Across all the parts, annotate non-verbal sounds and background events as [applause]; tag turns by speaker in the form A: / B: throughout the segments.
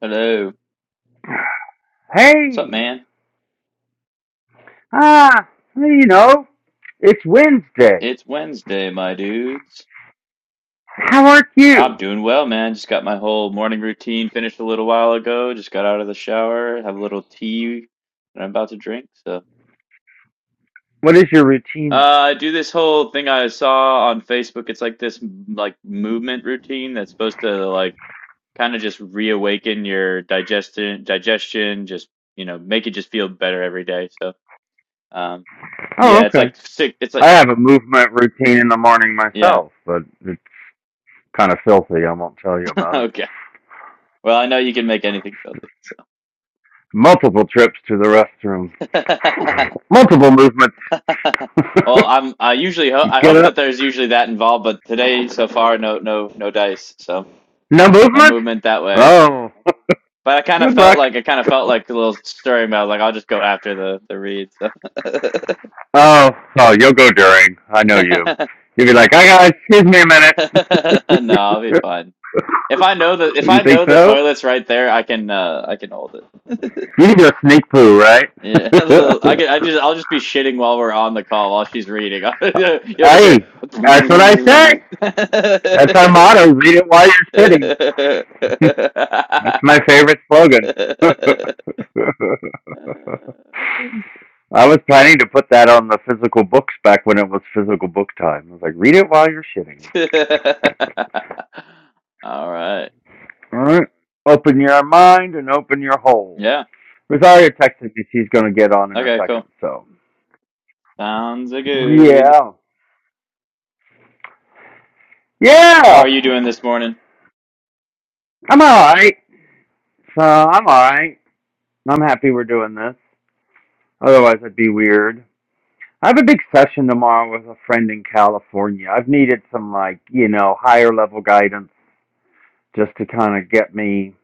A: Hello. What's up,
B: Hey!
A: man?
B: Ah, well, you know, it's Wednesday.
A: It's Wednesday, my dudes.
B: How are
A: I'm
B: you?
A: doing well, man. Just got my whole morning routine finished a little while ago. Just got out of the shower, have a little tea that I'm about to drink. So,
B: What is your
A: uh,
B: routine?
A: I do this whole thing I saw on Facebook. It's like this m- like movement routine that's supposed to like kind of just reawaken your digestion, digestion, just, you know, make it just feel better every day. So, um,
B: Oh,
A: yeah, it's
B: okay.
A: like sick. It's
B: I
A: like,
B: have a movement routine in the morning
A: yeah,
B: myself, but it's kind of filthy. I won't tell you
A: [laughs]
B: about it.
A: okay. Well, I know you can make anything filthy.
B: Multiple trips to the restroom. [sighs]
A: [laughs]
B: Multiple movements.
A: Well,
B: [laughs]
A: I'm I usually ho I
B: Get
A: hope
B: up.
A: that there's usually that involved, but today so far no no no dice, so
B: No
A: no
B: movement?
A: movement that way.
B: Oh, [laughs]
A: But I kind of
B: good
A: felt
B: luck.
A: like I kind of felt like a little stirring, but I was like, I'll just go after the the read. So.
B: Oh, oh, you'll go during. I know you.
A: [laughs]
B: You'll be like, "Hi guys, excuse me a
A: No, I'll be
B: minute."
A: fine. If I know the
B: [laughs]
A: if
B: you
A: I
B: think
A: know the
B: so?
A: toilet's right there, I can uh I can hold it.
B: You just sneak poo, right? [laughs]
A: Yeah, [laughs] a little- I can, I just I'll just be shitting while we're on the call while she's reading. [laughs] You'll just
B: hey,
A: hear.
B: that's what I say. That's our
A: [laughs]
B: motto. Read it while you're
A: [laughs] All
B: sitting. [laughs] That's my favorite slogan. [laughs] I was planning to put that on the physical books back when it was physical book time. I was like, read it while you're shitting.
A: right.
B: All right. Open your mind and open your hole.
A: Yeah.
B: Rosario texted me she's going to get on in a
A: Okay, cool.
B: second. So,
A: Sounds a good.
B: yeah.
A: How
B: Yeah.
A: are you doing this morning?
B: I'm all right. So, I'm all right. I'm happy we're doing this. Otherwise, it'd be weird. I have a big session tomorrow with a friend in California. I've needed some, like, you know, higher level guidance just to kind of get me,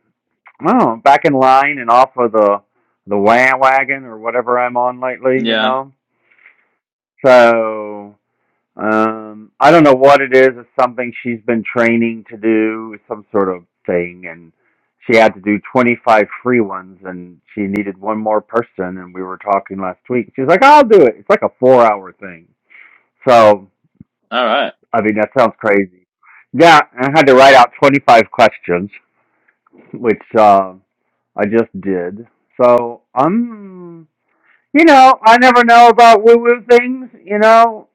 B: I don't know, back in line and off of the the wah wagon or whatever I'm on lately, you
A: Yeah.
B: know. So Um, I don't know what it is. It's something she's been training to do, some sort of thing, and she had to do 25 free ones, and she needed one more person. And we were talking last week. She was like, "I'll do it." It's like a four-hour thing. So,
A: All right.
B: I mean, that sounds crazy. Yeah, and I had to write out 25 questions, [laughs] which uh, I just did. So I'm you know, I never know about woo woo things, you know.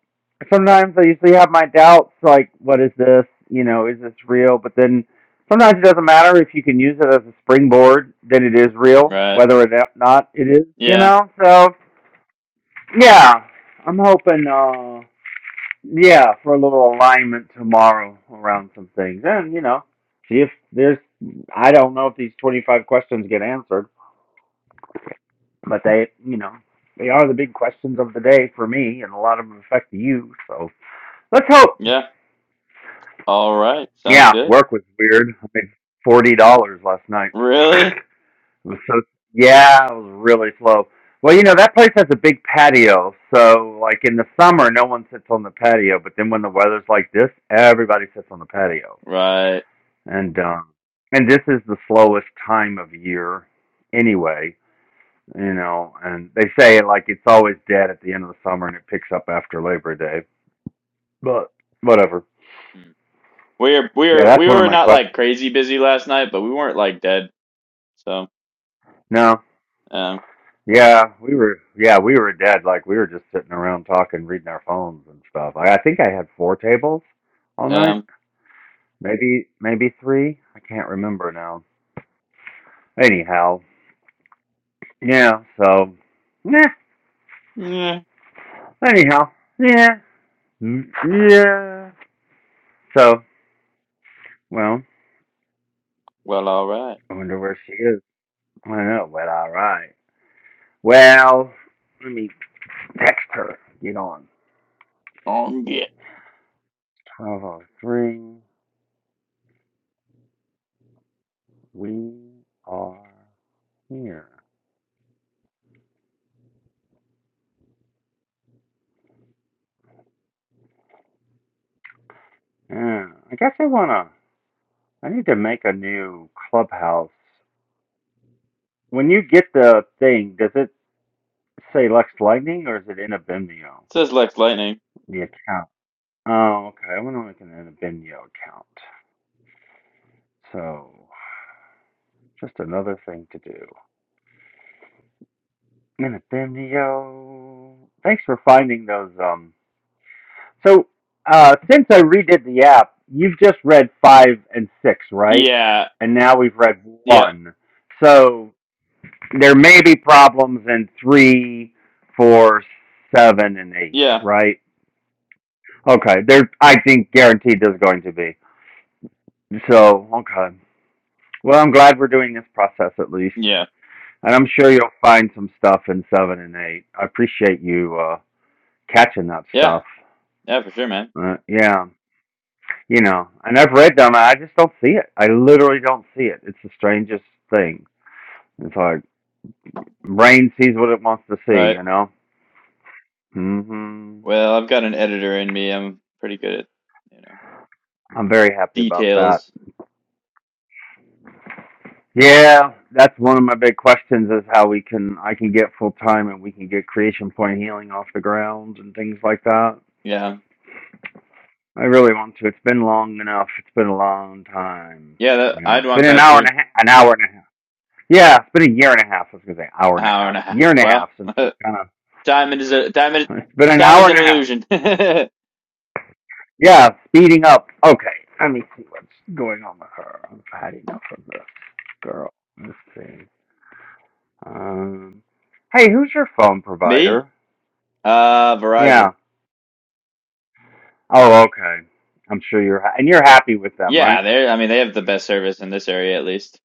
B: Sometimes I usually have my doubts, like, what is this? You know, is this real? But then sometimes it doesn't matter if you can use it as a springboard, then it is real,
A: Right.
B: whether or not it is, you
A: Yeah.
B: know? So, yeah, I'm hoping, uh, yeah, for a little alignment tomorrow around some things. And, you know, see if there's, I don't know if these 25 questions get answered. But they, you know, they are the big questions of the day for me, and a lot of them affect you. So let's hope.
A: Yeah. All right. Sounds
B: Yeah,
A: good.
B: work was weird. I made forty dollars last night. [laughs]
A: Really?
B: it was so yeah, it was really slow. Well, you know that place has a big patio, so like in the summer, no one sits on the patio. But then when the weather's like this, everybody sits on the patio,
A: Right.
B: and um, and this is the slowest time of year anyway you know, and they say it like it's always dead at the end of the summer and it picks up after Labor Day. But whatever.
A: Hmm. We're
B: Yeah,
A: we're
B: that's
A: we
B: one of
A: were
B: my
A: not
B: questions.
A: like crazy busy last night, but we weren't like dead. So,
B: No.
A: um
B: Yeah, we were yeah, we were dead. Like we were just sitting around talking, reading our phones and stuff. I, I think I had four tables all night.
A: um
B: Maybe maybe three. I can't remember now. Anyhow. Yeah, so yeah.
A: yeah.
B: Anyhow. Yeah. Mm, Yeah. So well,
A: Well, all right.
B: I wonder where she is. I know, but all right. Well, let me text her. Get on.
A: Oh, yeah.
B: 1203. We are here. Yeah. I guess I want to. I need to make a new clubhouse. When you get the thing, does it say Lux Lightning or is it in a Vimeo?
A: Says Lex Lightning.
B: The account. Oh, okay. I want to make an in a Vimeo account. So, just another thing to do. In a Vimeo. Thanks for finding those um So uh, since I redid the app, you've just read five and six, right?
A: Yeah,
B: And now we've read
A: Yeah,
B: one. So there may be problems in three, four, seven, and eight,
A: yeah,
B: right? Okay, there. I think guaranteed there's going to be. So okay. Well, I'm glad we're doing this process at least,
A: yeah,
B: and I'm sure you'll find some stuff in seven and eight. I appreciate you uh, catching that
A: yeah,
B: stuff.
A: yeah, for sure, man.
B: Uh, yeah. you know, and I've read them. I just don't see it. I literally don't see it. It's the strangest thing. It's like brain sees what it wants to see.
A: Right.
B: You know. hmm
A: Well, I've got an editor in me. I'm pretty good at, you know,
B: I'm very happy about that.
A: details.
B: Yeah, that's one of my big questions is how we can I can get full time and we can get creation point healing off the ground and things like that.
A: Yeah,
B: I really want to. It's been long enough. It's been a long time.
A: yeah. That,
B: You know,
A: I'd
B: it's
A: want
B: been an
A: that
B: hour and
A: too.
B: a half. An hour and a half. Yeah, it's been a year and a half. I was gonna say hour and a
A: Hour
B: half.
A: and a half.
B: Year and a
A: Well,
B: half since we
A: [laughs]
B: kind of
A: time is a time is
B: It's been an
A: time
B: hour
A: is an
B: and a half.
A: illusion. [laughs]
B: Yeah, speeding up. Okay, let me see what's going on with her. I've had enough of this girl. Let's see. Um, hey, who's your phone
A: Me?
B: provider?
A: Uh,
B: Yeah.
A: Verizon.
B: Oh, okay. I'm sure you're ha- and you're happy with them, right?
A: Yeah, they're. I mean, they have the best service in this area, at least.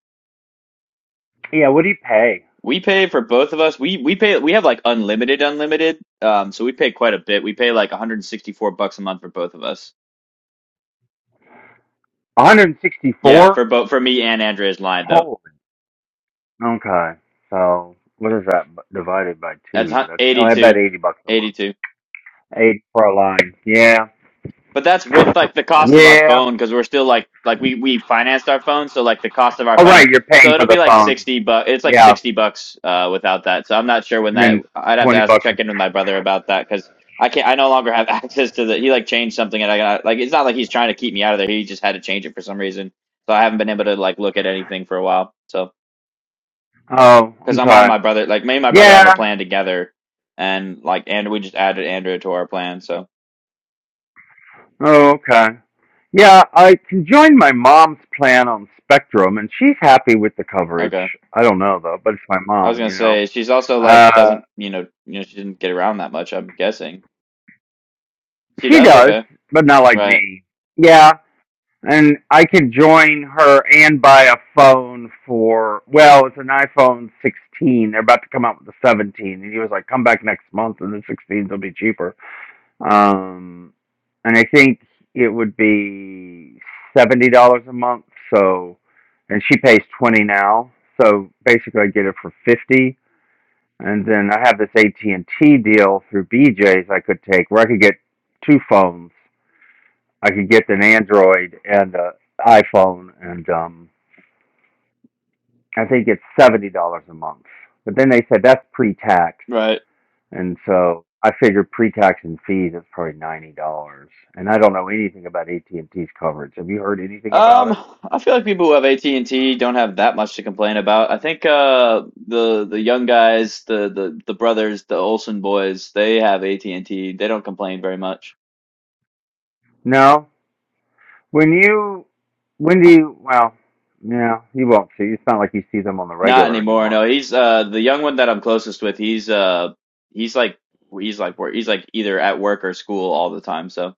B: Yeah. What do you pay?
A: We pay for both of us. We we pay. We have like unlimited, unlimited. Um, so we pay quite a bit. We pay like 164 bucks a month for both of us. Yeah,
B: 164.
A: for both for me and Andrea's line though.
B: Holy. Okay. So what is that b- divided by
A: That's hu-
B: two? That's oh, I
A: 82
B: bet 80 bucks a month.
A: eighty-two.
B: Eight for a line. Yeah.
A: But that's with like the cost of our
B: Yeah.
A: phone cuz we're still like like we we financed our phone so like the cost of our
B: All
A: phone.
B: right. You're
A: So
B: paying for
A: it'll be
B: the
A: like
B: phone.
A: 60 bucks. It's like
B: Yeah.
A: 60 bucks uh without that. So I'm not sure when
B: and
A: that
B: then
A: I'd have to
B: twenty
A: ask
B: bucks.
A: check in with my brother about that cuz I can't I no longer have [laughs] access to the he like changed something and I got like it's not like he's trying to keep me out of there. He just had to change it for some reason. So I haven't been able to like look at anything for a while. So
B: Oh,
A: because I'm on
B: okay.
A: my brother. Like me and my brother have a
B: Yeah.
A: plan together, and like and we just added Andrea to our plan. So
B: Oh, okay. Yeah, I can join my mom's plan on Spectrum, and she's happy with the coverage.
A: okay,
B: I don't know though, but it's my
A: I was
B: mom,
A: gonna
B: you know.
A: say she's also like
B: Uh,
A: doesn't you know you know she didn't get around that much. I'm guessing she
B: she
A: does.
B: does,
A: Okay,
B: but not like
A: right,
B: me. Yeah, and I can join her and buy a phone for. Well, it's an iPhone 16. They're about to come out with the 17, and he was like, "Come back next month, and the 16 will be cheaper." Um, and I think it would be seventy dollars a month. So, and she pays twenty now. So basically, I get it for fifty. And then I have this AT and T deal through BJ's I could take, where I could get two phones. I could get an Android and an iPhone, and um, I think it's seventy dollars a month. But then they said that's pre tax.
A: right.
B: And so I figured pre-tax and fees is probably ninety dollars. And I don't know anything about AT and T's coverage. Have you heard anything about
A: Um,
B: it?
A: I feel like people who have AT and T don't have that much to complain about. I think uh the the young guys, the the the brothers, the Olsen boys, they have AT and T. They don't complain very much.
B: No. When you, when do you? Well, no, you won't see. It's not like you see them on the
A: Not
B: regular
A: anymore.
B: anymore.
A: No, he's uh the young one that I'm closest with. He's uh he's like he's like wor- he's like either at work or school all the time. So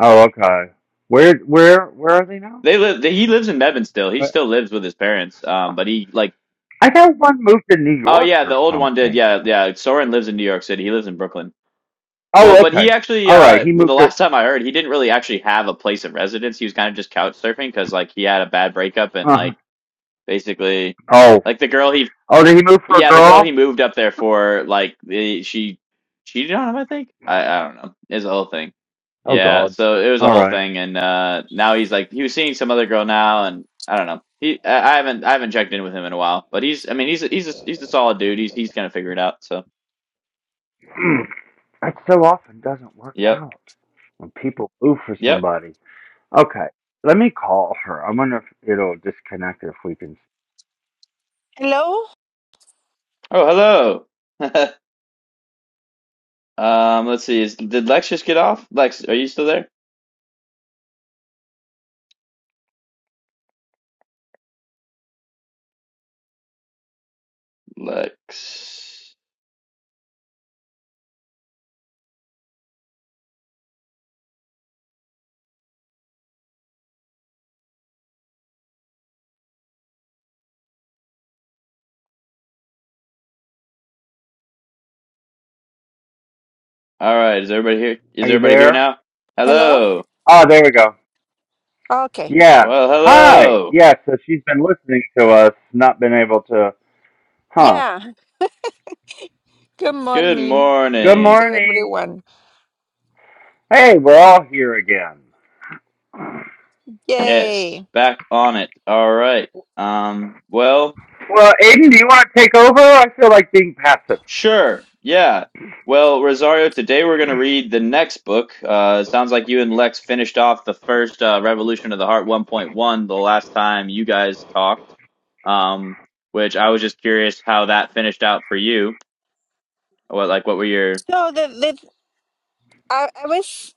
B: Oh, okay. Where, where, where are they now?
A: they live. They, he lives in Mebane still. He
B: But
A: still lives with his parents. Um, but he like
B: I thought one moved to New
A: oh
B: York
A: yeah, the
B: or
A: old one did.
B: something.
A: Yeah, yeah. Soren lives in New York City. He lives in Brooklyn. Well,
B: Oh,
A: but he
B: okay.
A: actually
B: All right.
A: uh
B: He
A: well, the
B: moved to.
A: last time I heard, he didn't really actually have a place of residence. He was kind of just couch surfing because like he had a bad breakup and
B: Uh,
A: like basically
B: oh,
A: like the girl he
B: oh, did he move for a
A: Yeah, the girl he
B: girl?
A: moved up there for, like, the, she cheated on him. I think. I I don't know. It's a whole thing.
B: Oh
A: Yeah,
B: God.
A: so it was a
B: All
A: whole
B: right.
A: thing, and uh, now he's like he was seeing some other girl now, and I don't know. He I I haven't I haven't checked in with him in a while, but he's I mean he's a, he's a, he's a solid dude. He's he's gonna figure it out. So
B: [clears throat] That so often doesn't work
A: yep
B: out when people move for
A: yep.
B: somebody. Okay, let me call her. I wonder if it'll disconnect if we can.
C: Hello?
A: Oh hello. [laughs] um, let's see. Is, did Lex just get off? Lex, are you still there? Lex. All right. Is everybody here? Is
B: Are you
A: everybody here
B: there?
A: now?
C: Hello?
A: Hello.
B: Oh, there we go.
C: Okay.
B: Yeah.
A: Well,
B: Hi.
A: hello.
B: Yeah, so she's been listening to us, not been able to. Huh.
C: Yeah. Good
A: Good
C: morning
B: Good
C: to
A: morning.
B: morning.
C: everyone.
B: Hey, we're all here again.
A: Yes,
C: Yay.
A: back on it. All right. Um, well,
B: Well, Aiden, do you want to take over? I feel like being passive.
A: sure. Yeah. Well, Rosario, today we're going to read the next book. Uh, it sounds like you and Lex finished off the first uh, Revolution of the Heart 1.1 the last time you guys talked. Um, which I was just curious how that finished out for you. What like what were your
C: So the, the I, I was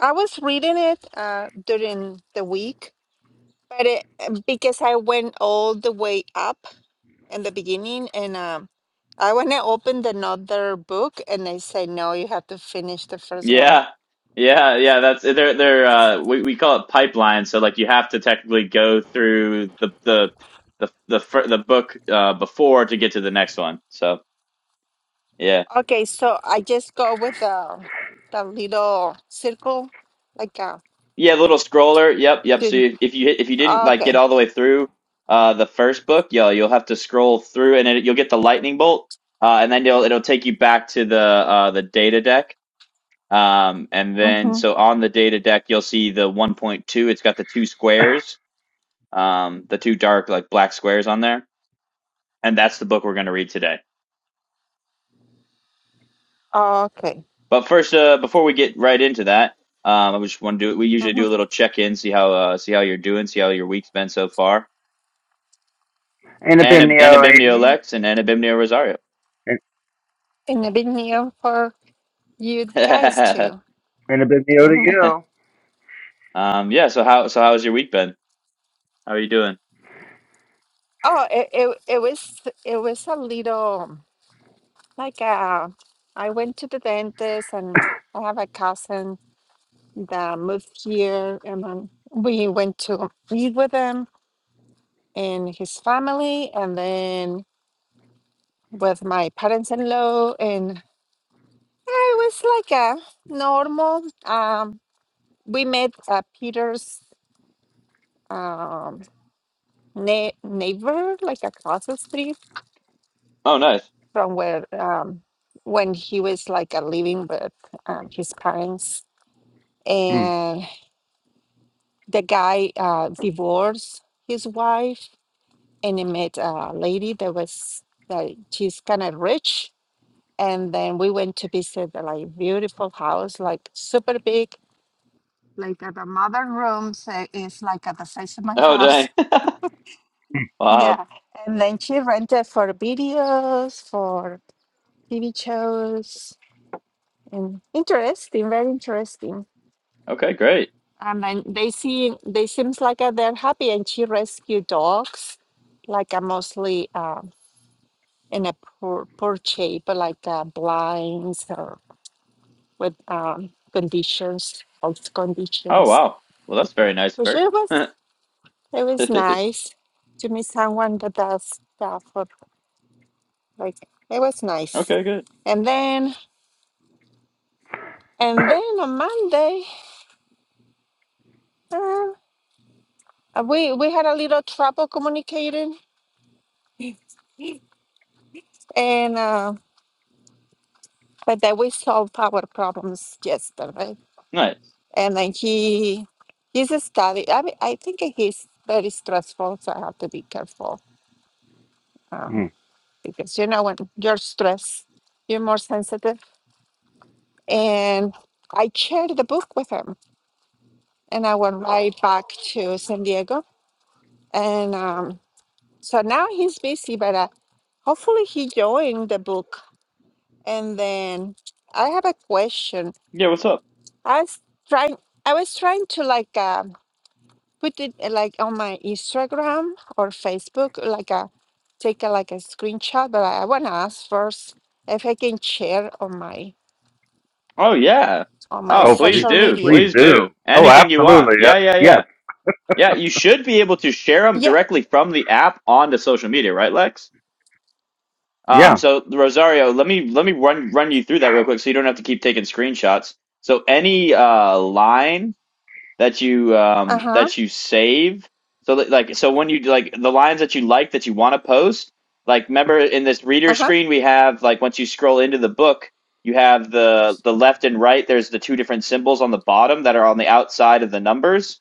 C: I was reading it uh during the week, but it, because I went all the way up in the beginning and um I want to open another book and they say no, you have to finish the first one.
A: Yeah. Yeah, yeah, that's they're they're uh we, we call it pipeline. So like you have to technically go through the the the the fir- the book uh before to get to the next one. So, yeah.
C: Okay, so I just go with the the little circle like a
A: Yeah, little scroller. Yep, yep. So if, if you hit- if you didn't like get
C: okay.
A: all the way through uh the first book, yo, you'll have to scroll through and it, you'll get the lightning bolt uh and then it'll it'll take you back to the uh the data deck. Um and then
C: Mhm.
A: so on the data deck, you'll see the 1.2, it's got the two
B: [laughs]
A: squares um, the two dark like black squares on there, and that's the book we're going to read today.
C: Okay.
A: But first, uh, before we get right into that, um, I just want to do. We usually
C: hmm
A: do a little check in, see how uh, see how you're doing, see how your week's been so far,
B: Ain't it
A: and
B: been
A: and
B: the O,
A: Abimnio
B: Aiden?
A: Lex and Abimnio Rosario.
B: Ain't
C: And I've been here for you
A: [laughs]
C: guys too.
B: ain't it been the O
C: Mhm.
B: to
A: um, yeah. So how so how's your week been? How are you doing?
C: Oh, it, it it was it was a little like uh I went to the dentist and I have a cousin that moved here and then we went to meet with him and his family and then with my parents-in-law and it was like a normal um we met at Peter's um, ne- neighbor like across the street
A: Oh, nice.
C: from where um when he was like uh, living with um, his parents
B: you?
C: and the guy uh divorced his wife and he met a lady that was that she's kind of rich and then we went to visit the like beautiful house like super big like at the modern rooms uh, it's like at the size of my
A: Oh,
C: house
A: dang. [laughs]
C: [laughs]
A: wow.
C: yeah and then she rented for videos for TV shows and interesting, very interesting.
A: Okay, great.
C: And then they see they seems like uh, they're happy, and she rescued dogs, like a mostly um, in a poor poor shape, but like uh, blinds or with um, conditions, health
A: Oh,
C: conditions.
A: wow. Well, that's very nice
C: Which
A: of
C: it was
A: her.
C: it was nice to meet someone that does stuff. For, like it was
A: [laughs]
C: nice.
A: okay, good.
C: And then and then on Monday. uh, Uh, We we had a little trouble communicating, and uh, but then we solved our problems yesterday.
A: Nice.
C: And then he he's a study. I mean, I think he's very stressful, so I have to be careful
B: Hmm. [coughs] [laughs]
C: um, because you know when you're stressed, you're more sensitive. And I shared the book with him, and I went right back to San Diego, and um, so now he's busy, but. Uh, Hopefully he joined the book And then I have a question.
A: Yeah. What's up?
C: I was trying, I was trying to like uh, put it uh, like on my Instagram or Facebook, like a take a, like a screenshot. But I, I want to ask first if I can share on my
A: Oh yeah.
C: on my
A: Oh,
B: Oh,
A: please
B: please,
C: social
A: do.
B: please
C: media.
A: Please
B: do.
A: do.
B: Oh,
A: Anything you want.
B: absolutely.
A: Yeah,
B: That's
A: yeah,
B: yes,
A: yeah. Yeah, you should be able to share them
C: Yeah.
A: directly from the app onto social media, right, Lex?
B: yeah.
A: Um, so Rosario, let me let me run run you through that real quick so you don't have to keep taking screenshots. So any uh line that you
C: Uh
A: um
C: huh.
A: that you save. So that, like so when you like the lines that you like that you want to post, like remember in this reader
C: Uh huh.
A: screen we have like once you scroll into the book, you have the the left and right there's the two different symbols on the bottom that are on the outside of the numbers.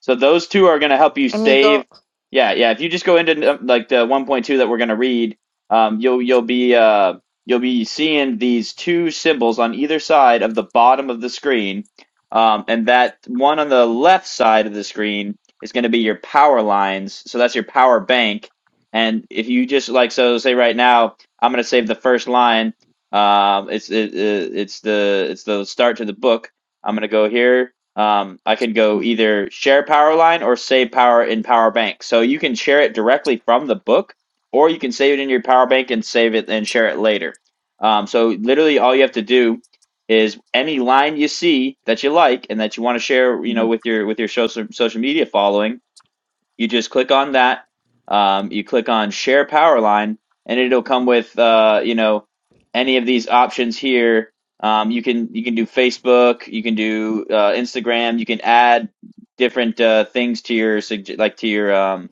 A: So those two are going to help you
C: Let me go.
A: save. Yeah, yeah. If you just go into uh, like the 1.2 that we're going to read, um, you'll you'll be uh, you'll be seeing these two symbols on either side of the bottom of the screen, um, and that one on the left side of the screen is going to be your power lines. So that's your power bank. And if you just like so, say right now, I'm going to save the first line. Um, it's it, it, it's the it's the start to the book. I'm going to go here um, I can go either share power line or save power in power bank. So you can share it directly from the book, or you can save it in your power bank and save it and share it later. Um, so literally all you have to do is any line you see that you like and that you want to share, you know,
C: Mhm.
A: with your with your social social media following, you just click on that. Um, you click on share power line, and it'll come with uh, you know any of these options here. Um, you can you can do Facebook, you can do uh, Instagram, you can add different uh, things to your like to your um,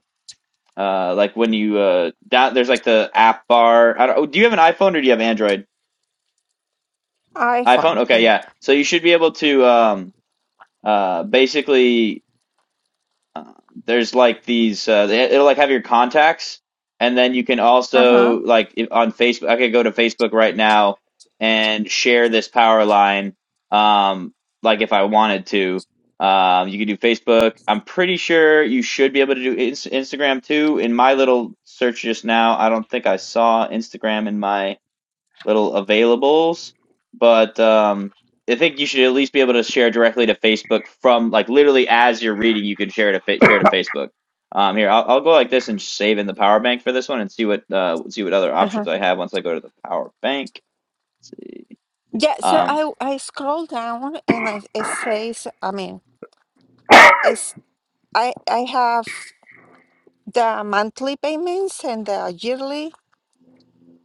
A: uh, like when you uh, down there's like the app bar. I don't, oh, do you have an iPhone or do you have Android? iPhone.
C: iPhone.
A: Okay,
C: Yeah.
A: yeah. So you should be able to um, uh, basically Um, there's like these, uh, they- it'll like have your contacts, and then you can
C: Uh huh.
A: also like if, on Facebook. I could go to Facebook right now and share this power line, um, like if I wanted to. Um, you could do Facebook. I'm pretty sure you should be able to do Ins- Instagram too. In my little search just now, I don't think I saw Instagram in my little availables. But um, I think you should at least be able to share directly to Facebook from like literally as you're reading, you can share to fa- share to Facebook. Um, here, I'll, I'll go like this and save in the power bank for this one and see what uh, see what other
C: Uh huh.
A: options I have once I go to the power bank.
C: Yeah. So
A: Um,
C: I I scroll down and I, it says. I mean, it's I I have. the monthly payments and the yearly.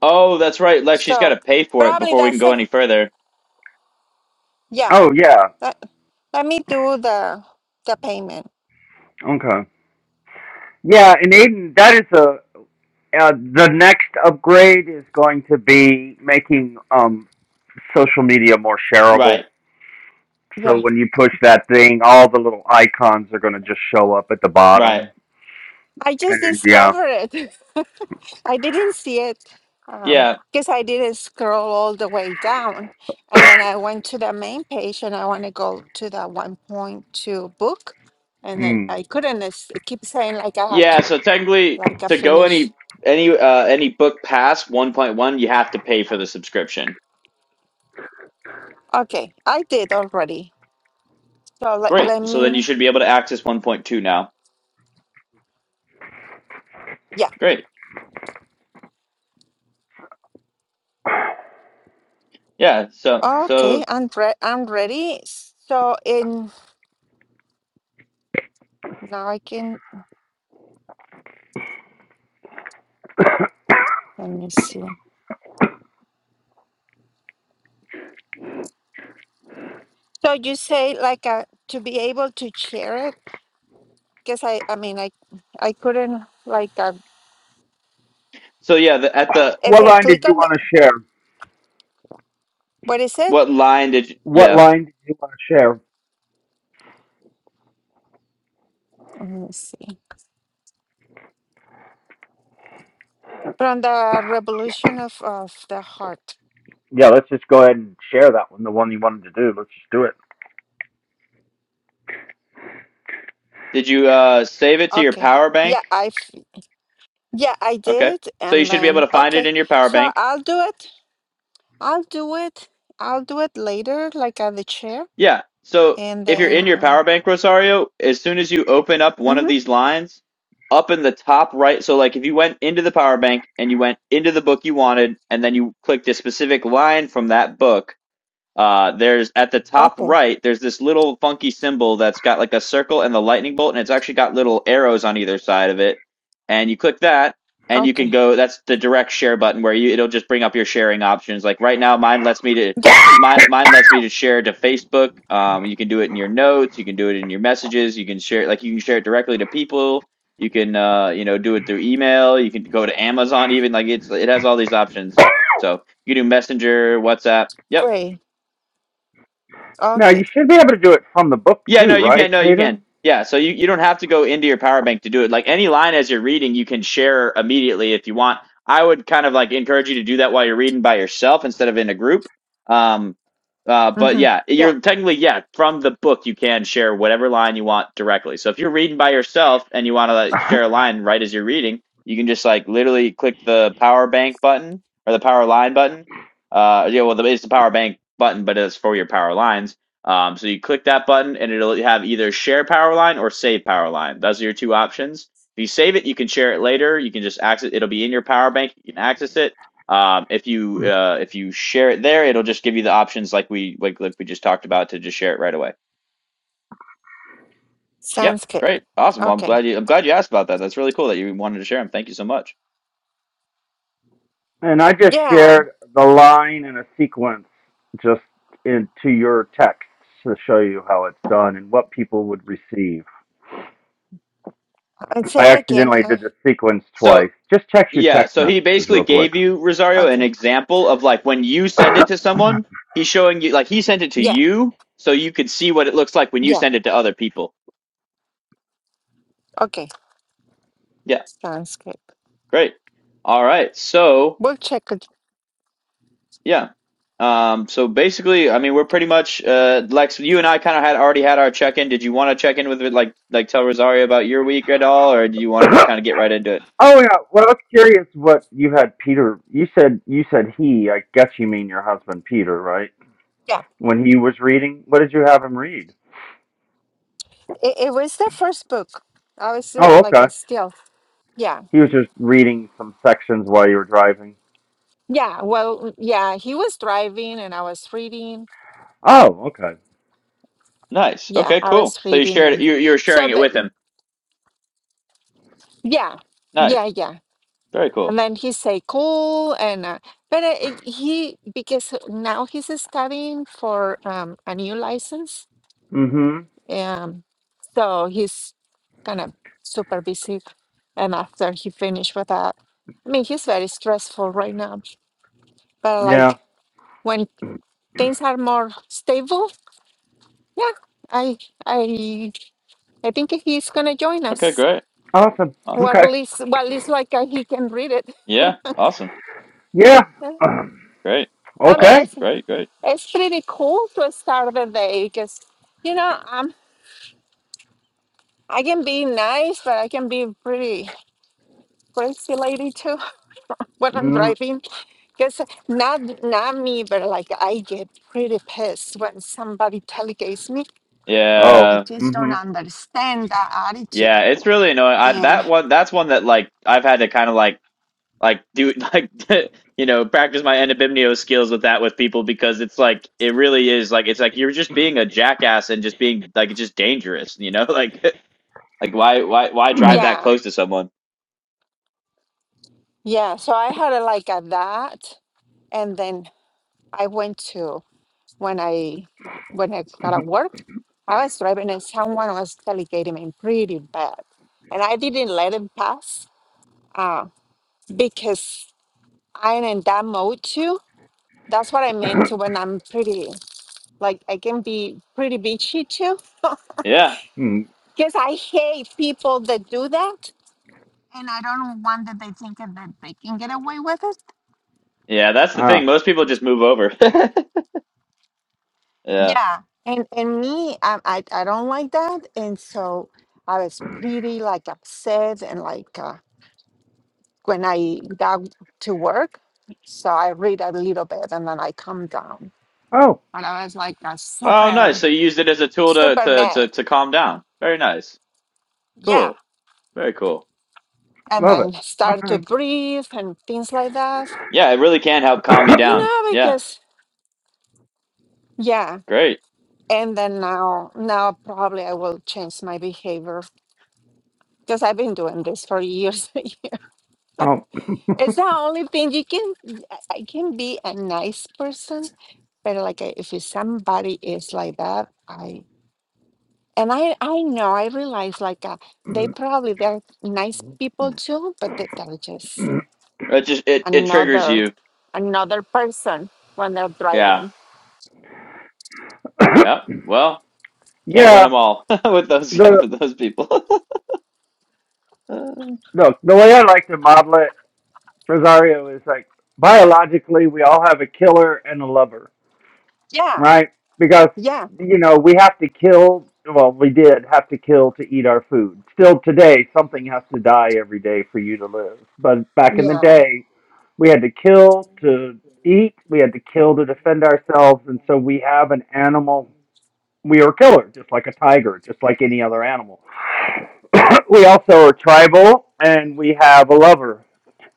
A: oh, that's right, Lex. She's got to
C: So
A: pay for it
C: probably
A: before we can
C: that's
A: go
C: it.
A: any further.
C: Yeah.
B: Oh, yeah.
C: Let, let me do the the payment.
B: Okay. Yeah, and even that is a uh, the next upgrade is going to be making um social media more shareable.
A: Right,
B: So
C: Yeah.
B: when you push that thing, all the little icons are going to just show up at the
A: right.
B: bottom.
C: I just
B: And then, yeah.
C: discovered it. [laughs] I didn't see it
A: Yeah,
C: because I didn't scroll all the way down. And then I went to the main page and I want to go to the 1.2 book. And then I
B: Hmm.
C: couldn't. It's- It keep saying like I have
A: yeah.
C: to,
A: So technically,
C: like I
A: to go
C: finish.
A: any any uh, any book past one point one, you have to pay for the subscription.
C: Okay. I did already. So let,
A: Great.
C: let
A: So then you
C: me.
A: should be able to access 1.2 now.
C: Yeah.
A: Great. Yeah. So so
C: Okay, I'm re- I'm ready. So in now I can let me see. So you say like uh, to be able to share it because I I mean I I couldn't like uh,
A: so yeah. The, at the
C: if
B: What
C: I
B: line did
C: click
B: you
C: on the
B: want to share?
C: what is it?
A: what line did you,
B: What
A: yeah
B: line did you want to share?
C: Let me see. From the revolution of of the heart.
B: Yeah, let's just go ahead and share that one. The one you wanted to do. Let's just do it.
A: did you uh save it to your
C: Okay.
A: power
C: Yeah,
A: bank?
C: I have yeah I
A: Okay.
C: did,
A: So you
C: and
A: should be able
C: then
A: to find it
C: okay.
A: in your power
C: So
A: bank.
C: I'll do it. I'll do it. I'll do it later, like at the chair,
A: Yeah. So
C: and
A: if you're
C: then
A: in your
C: um.
A: power bank, Rosario, as soon as you open up one of
C: mhm.
A: these lines, up in the top right. So like if you went into the power bank and you went into the book you wanted, and then you clicked a specific line from that book Uh, there's at the top right, there's this little funky symbol that's got like a circle and the lightning bolt, and it's actually got little arrows on either side of it. And you click that, and you can
C: Okay.
A: go. That's the direct share button where you it'll just bring up your sharing options. Like right now, mine lets me to
C: Yeah.
A: mine mine lets me to share to Facebook. Um, you can do it in your notes, you can do it in your messages, you can share like you can share it directly to people. You can uh, you know do it through email. You can go to Amazon even like it's it has all these options. So you can do Messenger, WhatsApp. Yep.
C: Great.
B: Now you
C: Okay.
B: should be able to do it from the book
A: Yeah,
B: too,
A: no, you can.
B: right,
A: No, you can.
B: Hayden?
A: Yeah, so you, you don't have to go into your power bank to do it. Like any line as you're reading, you can share immediately if you want. I would kind of like encourage you to do that while you're reading by yourself instead of in a group. Um, uh, but
C: Mm-hmm.
A: yeah,
C: Yeah.
A: you're technically, yeah, from the book, you can share whatever line you want directly. So if you're reading by yourself and you want to like, share
B: [laughs]
A: a line right as you're reading, you can just like literally click the power bank button or the power line button. Uh, yeah, well, the, it's the power bank button, but it's for your power lines um, so you click that button and it'll have either share powerline or save powerline. Those are your two options. If you save it, you can share it later. You can just access it. it'll be in your power bank. You can access it. Um, if you uh, if you share it there, it'll just give you the options like we like, like we just talked about to just share it right away. Yep,
C: Sounds good.
A: great, awesome. Well, I'm
C: Okay.
A: glad you I'm glad you asked about that. That's really cool that you wanted to share them. Thank you so much.
B: and I just
C: Yeah.
B: shared the line in a sequence just into your text to show you how it's done and what people would receive.
C: I'd
B: I
C: say it again.
B: accidentally
C: Uh,
B: did the sequence
A: So
B: twice. Just check your
A: Yeah,
B: text
A: so he
B: messages
A: basically
B: real quick.
A: gave you, Rosario, an
C: okay.
A: example of like when you
B: [coughs]
A: send it
B: oh
A: to someone, he's showing you, like he sent it to
C: Yeah.
A: you so you could see what it looks like when you
C: Yeah.
A: send it to other people.
C: Okay.
A: Yeah,
C: Sounds good.
A: great. All right. So,
C: We'll check it.
A: yeah. Um, so basically, I mean, we're pretty much, uh, Lex, you and I kind of had already had our check in. Did you want to check in with, it, like, like tell Rosario about your week at all, or do you want to just kind of get right into it?
B: yeah. Well, I was curious what you had Peter. You said you said he. I guess you mean your husband Peter, right?
C: Yeah.
B: When he was reading, what did you have him read?
C: It, it was the first book. I was uh,
B: Oh,
C: like,
B: okay.
C: I still. Yeah.
B: He was just reading some sections while you were driving.
C: Yeah. Well, yeah. He was driving and I was reading.
B: Oh, okay.
A: Nice.
C: Yeah.
A: Okay,
C: I
A: cool.
C: was
A: So you
C: reading.
A: shared it,
C: And
A: you, you were
C: so,
A: sharing it
C: but
A: with him.
C: yeah.
A: Nice.
C: Yeah. Yeah.
A: Very cool.
C: And then he say cool and uh, but uh, it- he because now he's studying for um, a new license
B: Mm-hmm.
C: um so he's kind of super busy and after he finished with that I mean he's very stressful right now but
B: Yeah.
C: like when things are more stable yeah I I I think he's gonna join
A: Okay,
C: us
A: great.
B: Awesome.
C: or
A: Awesome.
C: at
B: Okay.
C: least well at least like uh, he can read it
A: Yeah, awesome.
B: Yeah. [clears throat]
C: [laughs]
B: Um,
A: Great.
C: I mean
A: Awesome.
B: okay.
C: it's
A: Great, great.
C: It's pretty cool to start the day because, you know, um, I can be nice, but I can be pretty crazy lady too [laughs] when I'm
B: Mm-hmm.
C: driving. Because not not me, but like I get pretty pissed when somebody tailgates me.
B: Oh.
C: I
A: Yeah.
C: just don't
B: Mm-hmm.
C: understand that attitude.
A: Yeah, it's really annoying. I
C: And
A: that one that's one that like I've had to kind of like like do [laughs] like you know, practice my endobimnio skills with that with people because it's like it really is like it's like you're just being a jackass and just being like it's just dangerous, you know? [laughs] Like like why why why drive
B: [clears throat]
A: that
C: yeah,
A: close to someone?
C: yeah. So I had a, like a that, and then I went to when I when I got at work, I was driving and someone was tailgating me pretty bad, and I didn't let him pass uh, because I'm in that mode too. That's what I mean to when I'm pretty like I can be pretty bitchy too, [laughs]
A: Yeah.
B: Mm.
C: because I hate people that do that, and I don't want that they think that they can get away with it.
A: Yeah, that's the thing.
B: ah.
A: Most people just move over. [laughs] Yeah.
C: Yeah, and and me, I I, I don't like that, and so I was pretty like upset and like. Uh, when I got to work. So I read a little bit and then I calm down.
B: Oh.
C: And I was like a
A: Oh, nice.
C: super,
A: So you used it as a tool to
C: super
A: to
C: mad.
A: to to calm down. Very nice.
C: Yeah.
A: Cool. Very cool.
C: And
B: Love
C: then
B: it.
C: start to
B: Okay.
C: breathe and things like that,
A: Yeah, it really can help calm you
C: you
A: down.
B: [coughs]
C: know,
A: Yeah,
C: because, yeah.
A: great.
C: And then now, now probably I will change my behavior because I've been doing this for years. [laughs]
B: oh.
C: it's the only thing you can, I can be a nice person, but like uh, if it's somebody is like that, I. And I, I know, I realize like uh, they
B: [coughs]
C: probably they're nice people too, but that they're just
A: It just it it triggers
C: another
A: you.
C: another person when they're
A: Yeah.
C: driving.
A: yeah. Well, can't win
B: yeah.
A: them all [laughs] with those guys-
B: The
A: with those people. [laughs] well
B: look. The way I like to model it, Rosario, is like biologically we all have a killer and a lover
C: Yeah,
B: right? Because
C: yeah,
B: you know we have to kill. Well, we did have to kill to eat our food. Still today, something has to die every day for you to live. But back in the
C: yeah,
B: day, we had to kill to eat. We had to kill to defend ourselves, and so we have an animal. We are a killer, just like a tiger, just like any other animal. [coughs] we also are tribal, and we have a lover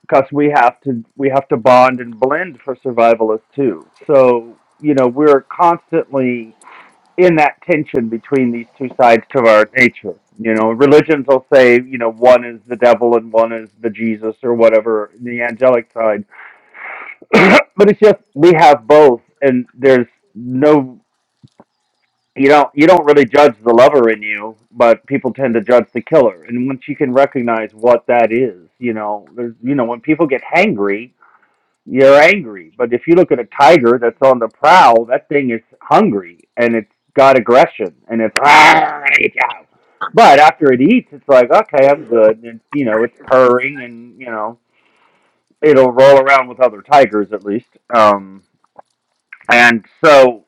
B: because we have to we have to bond and blend for survivalists too. So you know we're constantly in that tension between these two sides to our nature. You know, religions will say you know one is the devil and one is the Jesus or whatever the angelic side, [coughs] [clears throat] but it's just we have both, and there's no you don't you don't really judge the lover in you, but people tend to judge the killer. And once you can recognize what that is, you know, there's you know when people get hangry you're angry. But if you look at a tiger that's on the prowl, that thing is hungry and it's got aggression and it's ah, get But after it eats, it's like okay, I'm good, and you know it's purring and you know it'll roll around with other tigers at least. Um, and so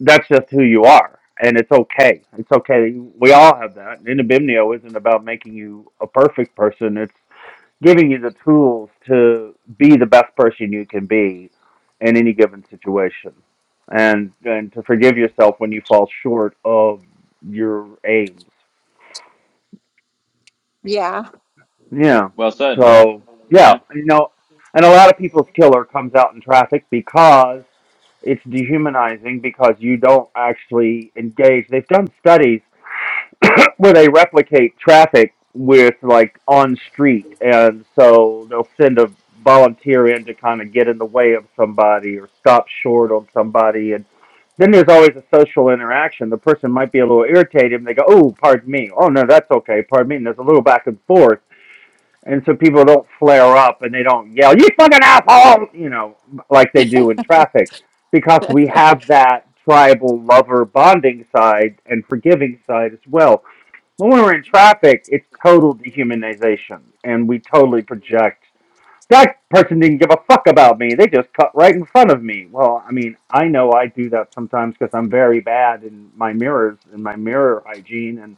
B: that's just who you are, and it's okay. It's okay. We all have that. And Inabimnio isn't about making you a perfect person. It's giving you the tools to be the best person you can be in any given situation and and to forgive yourself when you fall short of your aims
C: yeah,
B: yeah
A: said. Yeah.
B: so yeah
A: Yeah.
B: you know and a lot of people's killer comes out in traffic because it's dehumanizing because you don't actually engage they've done studies [coughs] where they replicate traffic with like on street, and so they'll send a volunteer in to kind of get in the way of somebody or stop short on somebody, and then there's always a social interaction. The person might be a little irritated, and they go, "Oh, pardon me. Oh no, that's okay. Pardon me." And there's a little back and forth and so people don't flare up and they don't yell you fucking asshole you know like they do in traffic because we have that tribal lover bonding side and forgiving side as well when we're in traffic it's total dehumanization and we totally project that person didn't give a fuck about me they just cut right in front of me well i mean i know i do that sometimes because i'm very bad in my mirrors in my mirror hygiene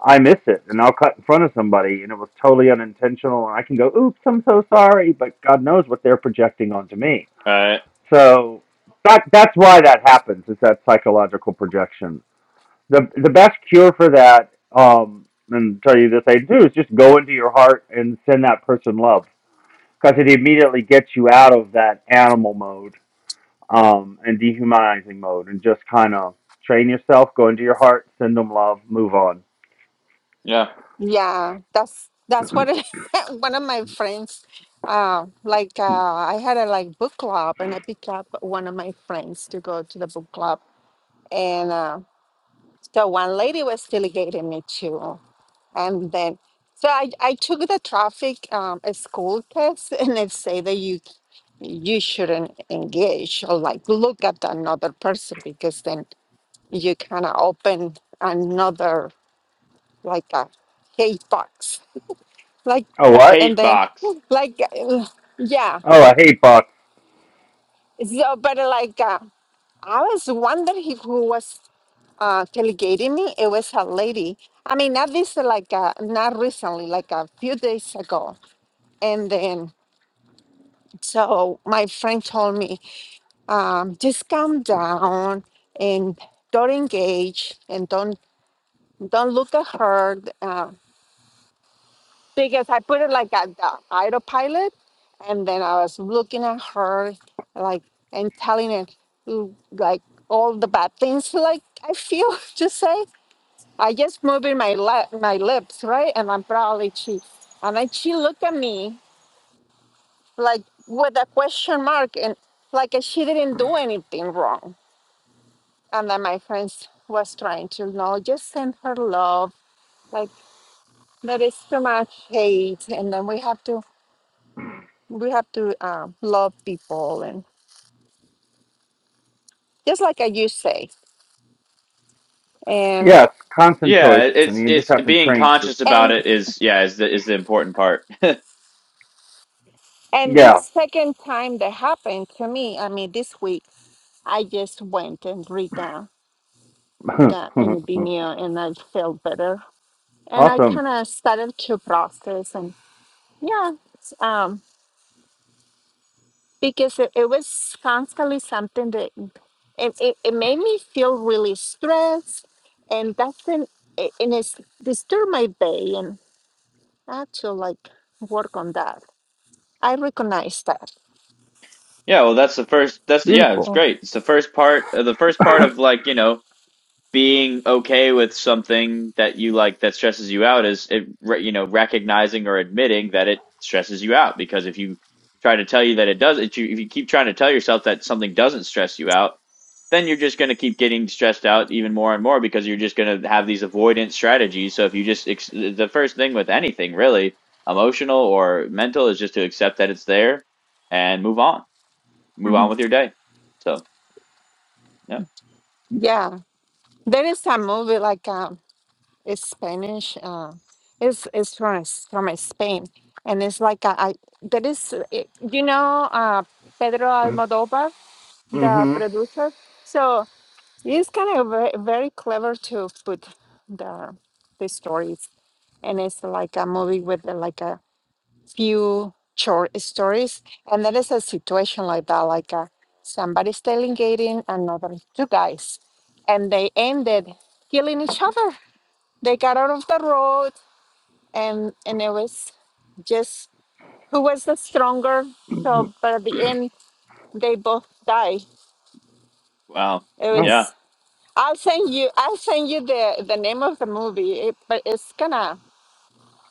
B: I miss it and I'll cut in front of somebody and it was totally unintentional and I can go, oops, I'm so sorry, but God knows what they're projecting onto me.
A: All right.
B: So that that's why that happens, is that psychological projection. The the best cure for that, um, and I'll tell you this I do is just go into your heart and send that person love. Because it immediately gets you out of that animal mode um, and dehumanizing mode and just kind of train yourself, go into your heart, send them love, move on.
A: Yeah.
C: yeah. That's that's what it, [laughs] one of my friends, uh, like uh,
B: Hmm.
C: I had a like book club, and I picked up one of my friends to go to the book club, and uh, so one lady was delegating me too. And then, so I, I took the traffic um, a school test, [laughs] and it say that you you shouldn't engage or like look at another person because then you kind of open another like a hate box, like
B: Oh,
A: A
B: what?
C: and
A: hate
C: then
A: box.
C: [laughs] like uh, yeah.
B: Oh, I hate box.
C: So, but uh, like uh, I was wondering who was uh, delegating me. It was a lady. I mean, not this uh, like uh, not recently, like a few days ago And then, so my friend told me, um, just calm down and don't engage and don't don't look at her uh, because I put it like at the autopilot, and then I was looking at her like and telling her mm, like all the bad things like I feel [laughs] to say. I just moving my lip, my lips, right? And I'm probably she, and then she looked at me like with a question mark and like she didn't do anything wrong and then my friends was trying to no just send her love like there is too much hate and then we have to we have to um, love people and just like I used to say and
B: Yes, constant
A: Yeah,
B: choice,
A: it-
B: and
A: it's
B: you just
A: it's
B: have to
A: being
B: train your.
A: conscious about
C: and
A: it is yeah is the is the important part.
C: and this
B: Yeah.
C: second time that happened to me i mean this week i just went and read that that in vimeo and i felt better
B: [laughs]
C: and i
B: awesome.
C: kind of started to process and. Yeah, um, because it, it was constantly something that it, it, it made me feel really stressed, and that's an, it, and it's disturbed my day, and I had to like work on that. I recognize that.
A: [laughs] yeah, well that's the first that's yeah it's
B: Beautiful.
C: Mhm.
A: great. It's the first part the first
B: [coughs]
A: part of like you know being okay with something that you like that stresses you out is it you know recognizing or admitting that it stresses you out because if you try to tell you that it does if you, if you keep trying to tell yourself that something doesn't stress you out then you're just going to keep getting stressed out even more and more because you're just going to have these avoidance strategies so if you just ex- the first thing with anything really emotional or mental is just to accept that it's there and move on move on
C: Mhm.
A: with your day so yeah
C: Yeah, there is a movie like um, it's Spanish. Uh, it's it's from S- from Spain, and it's like a, I there is uh, it- you know uh, Pedro Almodovar, the
B: mm-hmm.
C: producer. So It's kind of very, very clever to put the the stories, and it's like a movie with uh, like a few short stories, and there is a situation like that, like uh somebody's tailgating another two guys, and they ended killing each other. They got out of the road, and and it was just who was the stronger. So, but at the end, they both die.
A: wow
B: Oh.
A: yeah
C: I'll send you. I'll send you the the name of the movie. It, but it's kind of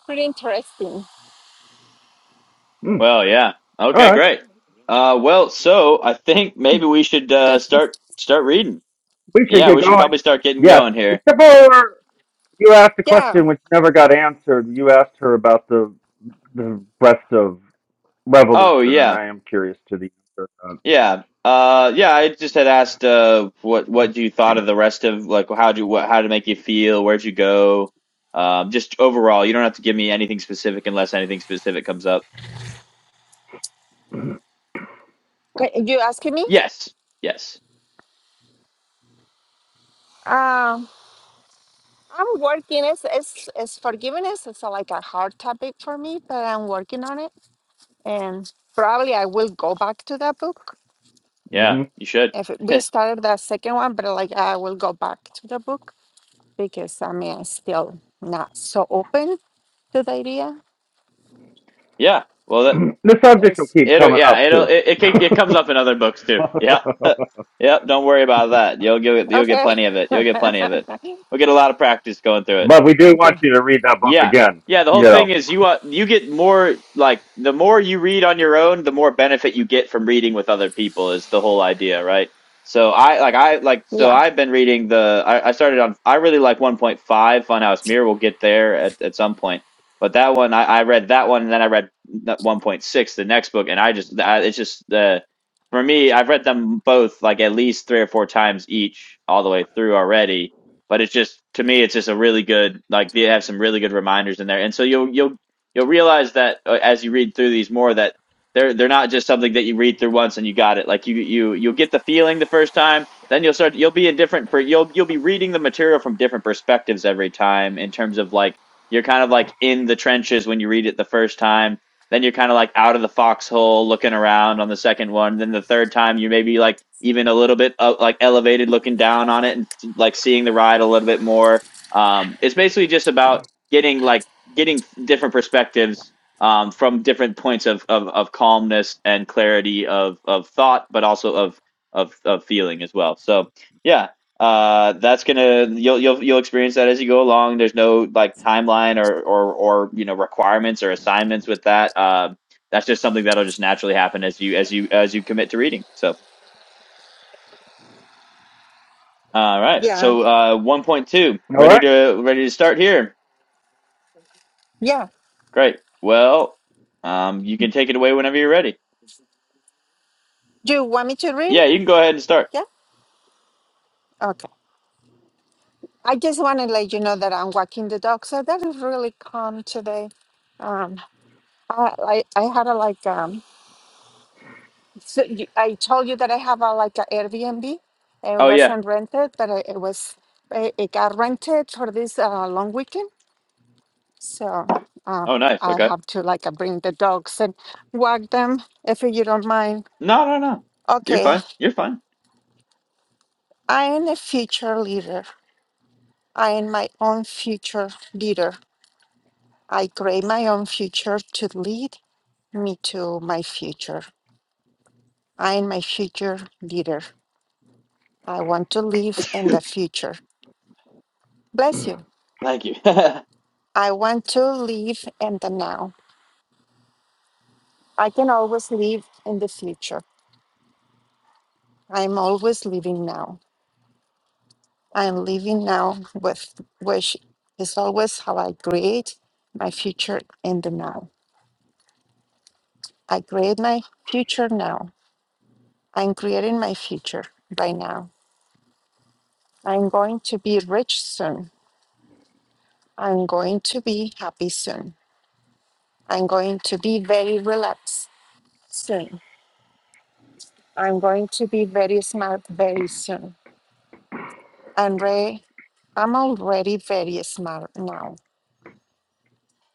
C: pretty interesting.
B: Mm.
A: Well, yeah.
B: All
A: Okay,
B: right.
A: great. Uh, well, so I think maybe we should
C: [laughs]
A: uh, start start reading.
B: We should
A: Yeah,
B: get
A: we should
B: going.
A: probably start getting
B: Yes.
A: going here.
B: Except for you asked a
C: yeah.
B: question which never got answered. You asked her about the the rest of
A: Oh
B: revolution, and
A: yeah,
B: I am curious to the answer.
A: yeah, uh, yeah. I just had asked uh, what what you thought of the rest of like how do what how to make you feel, where'd you go, um, just overall. You don't have to give me anything specific unless anything specific comes up.
C: Uh, You asking me?
A: Yes, yes,
C: Um, I'm working. It's, it's it's forgiveness. It's a, like a hard topic for me, but I'm working on it, and probably I will go back to that book.
A: yeah.
B: hmm
A: You should.
C: If it- we started the second one, but like I will go back to the book because I mean I'm still not so open to the idea.
A: Yeah. Well, that
B: [coughs] [clears throat] the subject will
C: 'Cause-
B: keep
A: It'll
B: coming
A: yeah,
B: up
A: it'll
B: too.
A: it it, can- it comes up in other books too. Yeah.
B: [laughs]
A: [laughs] Yep, don't worry about that. You'll get you'll get
C: Okay.
A: plenty of it. You'll get plenty of it.
C: [laughs]
A: We'll get a lot of practice going through it.
B: But we do
C: okay.
B: want you to read that book
A: Yeah.
B: again.
A: Yeah, the
B: You
A: whole thing
B: know.
A: is you uh, you get more like the more you read on your own, the more benefit you get from reading with other people is the whole idea, right? So I like I like so
C: Yeah.
A: I've been reading the I, I started on I really like 1.5 Funhouse Mirror. We'll get there at, at some point, but that one I, I read that one and then I read 1.6 the next book and I just I, it's just the for me I've read them both like at least three or four times each all the way through already but it's just to me it's just a really good like they have some really good reminders in there and so you'll you'll you'll realize that uh, as you read through these more that they're they're not just something that you read through once and you got it like you you you'll get the feeling the first time then you'll start you'll be in different per, you'll you'll be reading the material from different perspectives every time in terms of like you're kind of like in the trenches when you read it the first time then you're kind of like out of the foxhole looking around on the second one. Then the third time, you maybe like even a little bit uh, like elevated looking down on it and like seeing the ride a little bit more. Um, it's basically just about getting like getting different perspectives um, from different points of, of, of calmness and clarity of, of thought, but also of, of, of feeling as well. So yeah, uh that's gonna you'll you'll you'll experience that as you go along there's no like timeline or or or you know requirements or assignments with that um that's just something that'll just naturally happen as you as you as you commit to reading so all right
C: Yeah.
A: so uh 1.2
B: All
A: ready
B: right.
A: to ready to start here
C: Yeah.
A: great well um you can take it away whenever you're ready
C: Do you want me to read it?
A: yeah you can go ahead and start
C: Yeah. Okay. I just want to let you know that I'm walking the dog, so that is really calm today. Um, I I, I had a like um. So you, I told you that I have a like a Airbnb. It
A: oh yeah
C: wasn't rented, but it, it was. It, it got rented for this uh, long weekend, so uh,
A: oh nice
C: I
A: okay
C: have to like uh, bring the dogs and walk them if you don't mind.
A: no no no you're
C: Okay,
A: fine you're fine
C: I am a future leader. I am my own future leader. I create my own future to lead me to my future. I am my future leader. I want to live in the future. Bless you.
A: thank you [laughs]
C: I want to live in the now. I can always live in the future. I'm always living now. I'm living now with which is always how I create my future in the now. I create my future now. I'm creating my future by now. I'm going to be rich soon. I'm going to be happy soon. I'm going to be very relaxed soon. I'm going to be very smart very soon. I'm re- I'm already very smart now.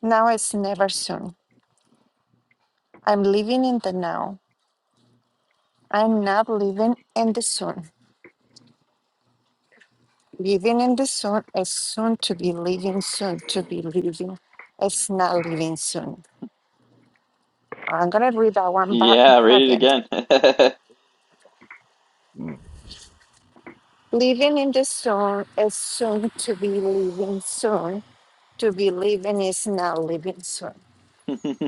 C: Now is never soon. I'm living in the now. I'm not living in the soon. Living in the soon is soon to be living, soon to be living. It's not living soon. I'm gonna read that one back
A: yeah read
C: again.
A: it
C: Living in the soon is soon to be living soon to be living is now living soon.
A: again [laughs]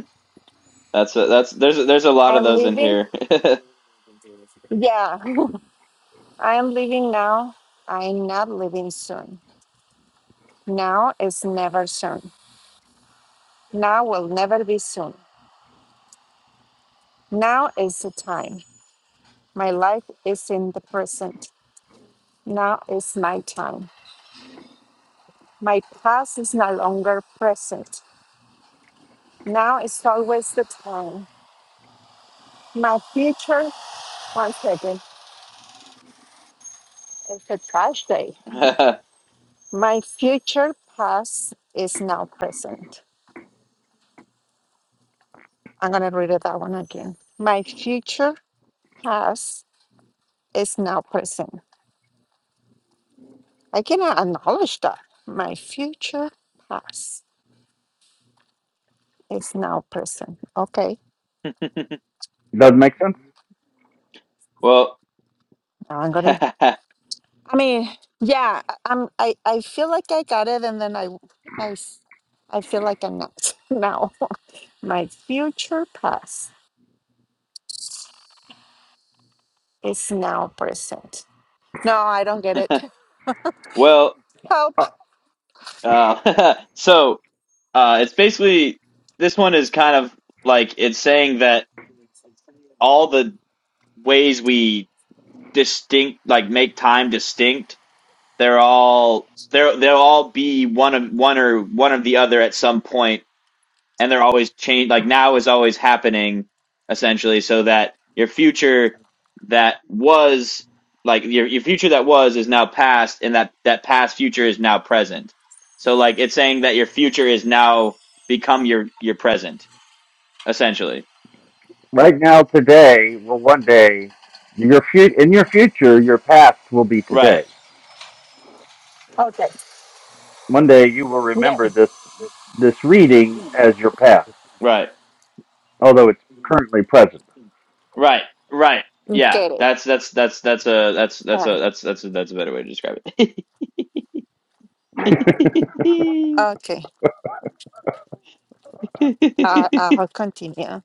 A: That's a, that's there's a- there's a lot of
C: I'm
A: those in
C: living,
A: here.
C: yeah, [laughs] I am living now. I'm not living soon. Now is never soon. Now will never be soon. Now is the time. My life is in the present. Now is my time. My past is no longer present. Now is always the time. My future, one second, it's a trash day. My future past is now present. I'm going to read it that one again. My future past is now present. I cannot acknowledge that. My future past is now present. Okay.
A: [laughs]
B: Does it make sense?
A: well,
C: Now I'm going to,
A: [laughs]
C: I mean, yeah, I- I'm, I, I feel like I got it and then I, I, s- I feel like I'm not [laughs] now. My future past is now present. No, I don't get it.
A: well,
C: [laughs] Help.
B: Uh,
A: uh, [laughs] so uh, it's basically this one is kind of like it's saying that all the ways we distinct like make time distinct, they're all they're they'll all be one of one or one of the other at some point and they're always change like now is always happening essentially so that your future that was like your your future that was is now past and that that past future is now present so like it's saying that your future is now become your your present essentially
B: right now, today, well, one day, your fu- in your future, your past will be
A: right
B: today.
C: Okay.
B: One day, you will
C: Yeah.
B: remember this this reading as your past,
A: right
B: although it's currently present.
A: right right yeah
C: Get it.
A: that's that's that's that's a that's that's
C: Yeah.
A: a that's that's that's a better way to describe it
B: [laughs]
A: [laughs]
C: Okay. Uh, uh, I'll continue.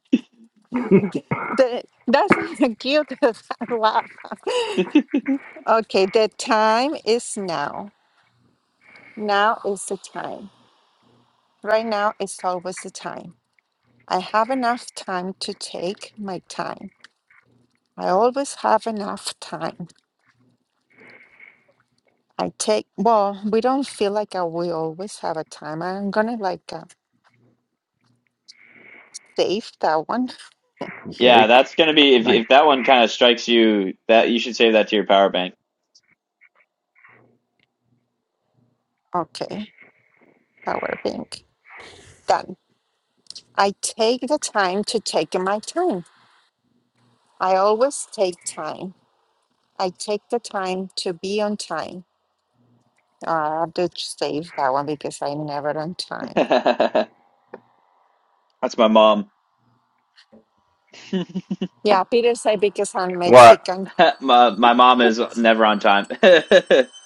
C: The, that's [laughs] the guilt of love. [laughs] Okay, the time is now. Now is the time. Right now is always the time. I have enough time to take my time. I always have enough time. I take, well, we don't feel like I, we always have a time. I'm gonna like uh, save that one.
B: okay.
A: yeah that's gonna be if
B: Nice.
A: if that one kind of strikes you that you should save that to your power bank
C: Okay, power bank. Done. I take the time to take my time. I always take time. I take the time to be on time. Uh, I have to save that one because I'm never on time.
A: [laughs] That's my mom. [laughs]
C: Yeah, Peter said because I'm
B: What?
C: Mexican.
A: my, my mom is never on time. [laughs]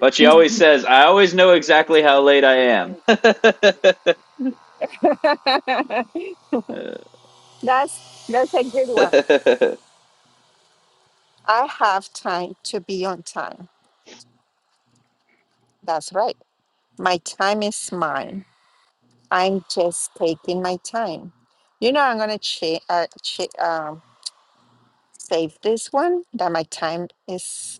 A: but she always says, I always know exactly how late I am.
C: that's that's a good one.
A: [laughs] [laughs]
C: I have time to be on time. That's right. My time is mine. I'm just taking my time. You know, I'm gonna cha- uh, cha- um, save this one. That my time is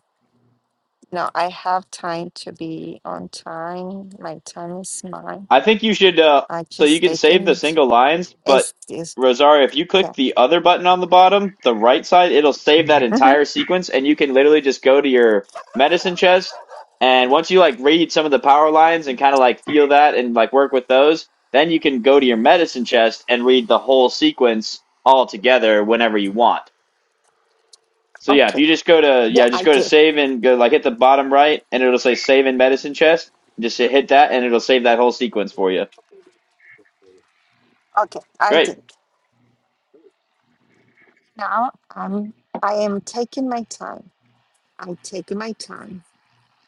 C: no. I have time to be on time. My time is mine.
A: I think you should. Uh,
C: I
A: so you
C: just
A: can save the
C: taking.
A: single lines, but
C: It's, it's
A: Rosario, if you click
C: Yeah.
A: the other button on the bottom, the right side, it'll save that
C: hmm
A: entire sequence, and you can literally just go to your medicine chest. And once you like read some of the power lines and kind of like feel that and like work with those, then you can go to your medicine chest and read the whole sequence all together whenever you want. So yeah, if
C: Okay.
A: you just go to
C: Yeah,
A: yeah, just
C: I
A: go to
C: did.
A: save and go like hit the bottom right, and it'll say save in medicine chest. Just hit that, and it'll save that whole sequence for you.
C: Okay, I
A: Great.
C: did. Now I'm I am taking my time. I take my time.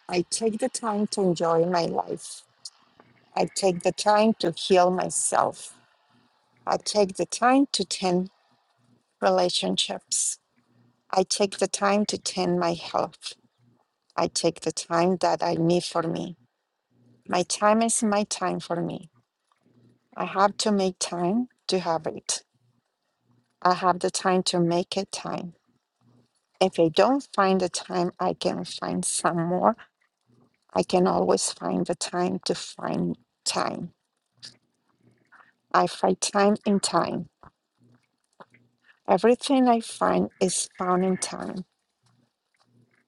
C: I take the time to enjoy my life. I take the time to heal myself. I take the time to tend relationships. I take the time to tend my health. I take the time that I need for me. My time is my time for me. I have to make time to have it. I have the time to make it time. If I don't find the time, I can find some more. I can always find the time to find time. I find time in time. Everything I find is found in time.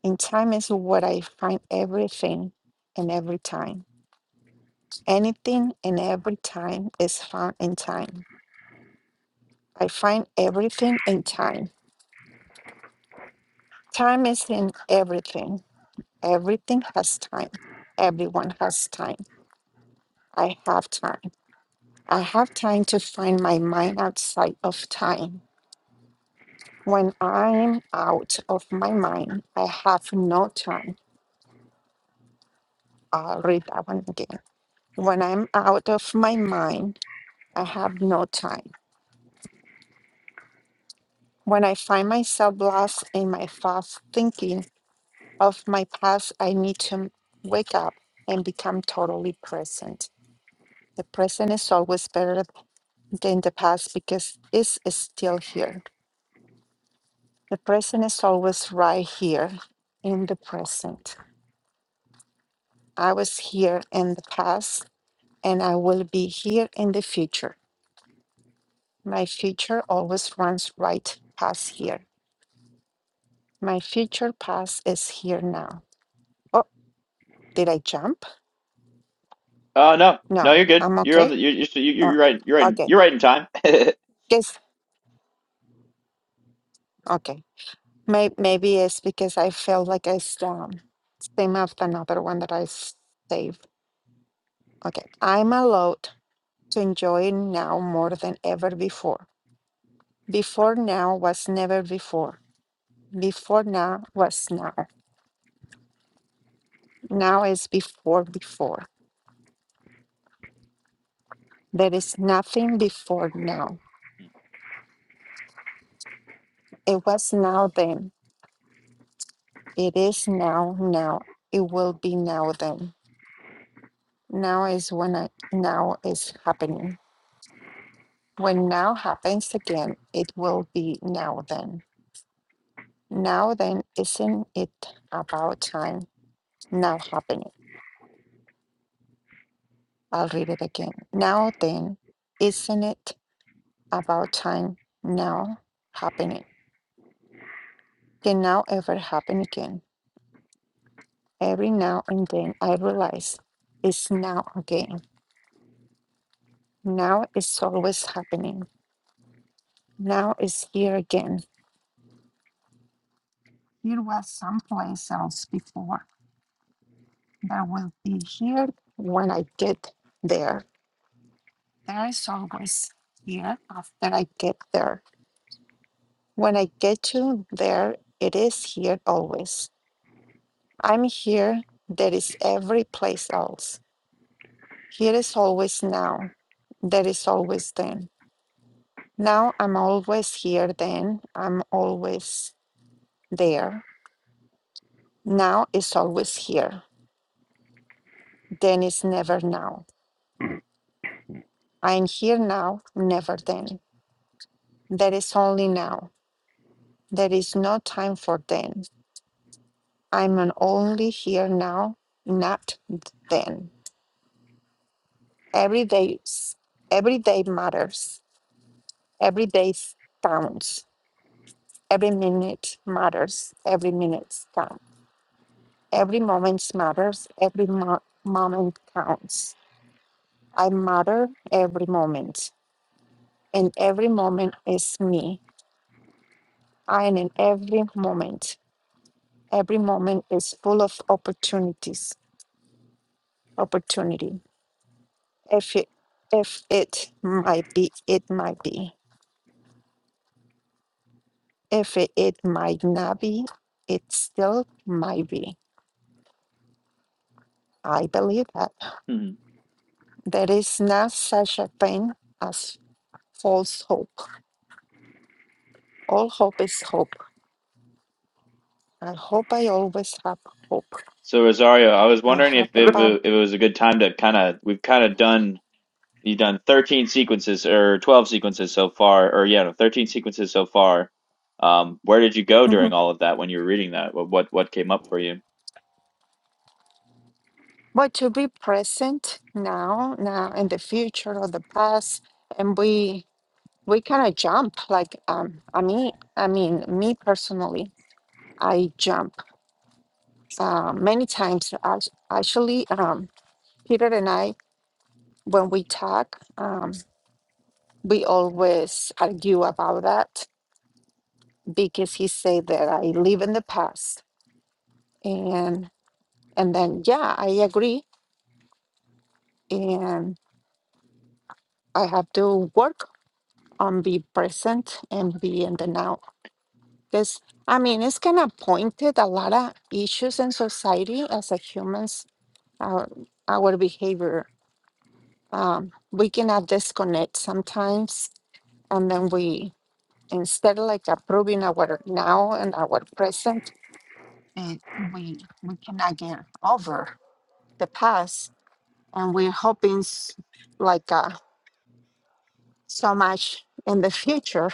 C: In time is what I find everything and every time. Anything and every time is found in time. I find everything in time. Time is in everything. Everything has time. Everyone has time. I have time. I have time to find my mind outside of time. When I'm out of my mind, I have no time. I'll read that one again. When I'm out of my mind, I have no time. When I find myself lost in my thoughts, thinking of my past, I need to wake up and become totally present. The present is always better than the past because it's still here. The present is always right here in the present. I was here in the past and I will be here in the future. My future always runs right past here. My future past is here now. Oh, did I jump?
A: Uh, no, no,
C: No,
A: you're good.
C: I'm
A: You're on
C: okay.
A: the you're you're, you're you're
C: Oh,
A: right. You're right.
C: okay.
A: You're right in time. [laughs]
C: Yes, okay. May- maybe it's because I felt like I um, same as another one that I s- saved. Okay. I'm allowed to enjoy now more than ever before. Before now was never before. Before now was now. Now is before before. There is nothing before now. It was now then. It is now now. It will be now then. Now is when I, now is happening. When now happens again, it will be now then. Now then, isn't it about time now happening? I'll read it again. Now then, isn't it about time now happening can now ever happen again. Every now and then I realize it's now again. Now it's always happening. Now it's here again. Here was someplace else before that will be here when I get there. There is always here after I get there. When I get to there, it is here always. I'm here. There is every place else. Here is always now. There is always then. Now I'm always here, then I'm always there. Now is always here. Then is never now. I am here now, never then. There is only now. There is no time for then. I'm an only here now, not then. Every day, every day matters. Every day counts. Every minute matters. Every minute counts. Every moment matters. Every mo- moment counts. I matter every moment. And every moment is me. I am in every moment. Every moment is full of opportunities. Opportunity. If it, if it might be, it might be. If it, it might not be, it still might be. I believe that.
A: Hmm.
C: There is not such a thing as false hope. All hope is hope. I hope I always have hope.
A: So Rosario, I was
C: I
A: wondering if
C: have the
B: [coughs]
A: it, wa-
C: power.
A: if it was a good time to kind of we've kind of done you've done 13 sequences or 12 sequences so far, or yeah, no, 13 sequences so far. Um, where did you go during
C: Mhm.
A: all of that when you were reading that? What what what came up for you?
C: But to be present now, now in the future or the past, and we we kind of jump. Like um, I mean, I mean, me personally, I jump uh, many times. Ac- Actually, um, Peter and I, when we talk, um, we always argue about that because he say that I live in the past, and and then yeah, I agree, and. I have to work on be present and be in the now. Because I mean, it's kind of pointed a lot of issues in society as a humans, our, our behavior. Um, we cannot disconnect sometimes, and then we instead of like approving our now and our present, and we we cannot get over the past, and we're hoping s- like uh, so much in the future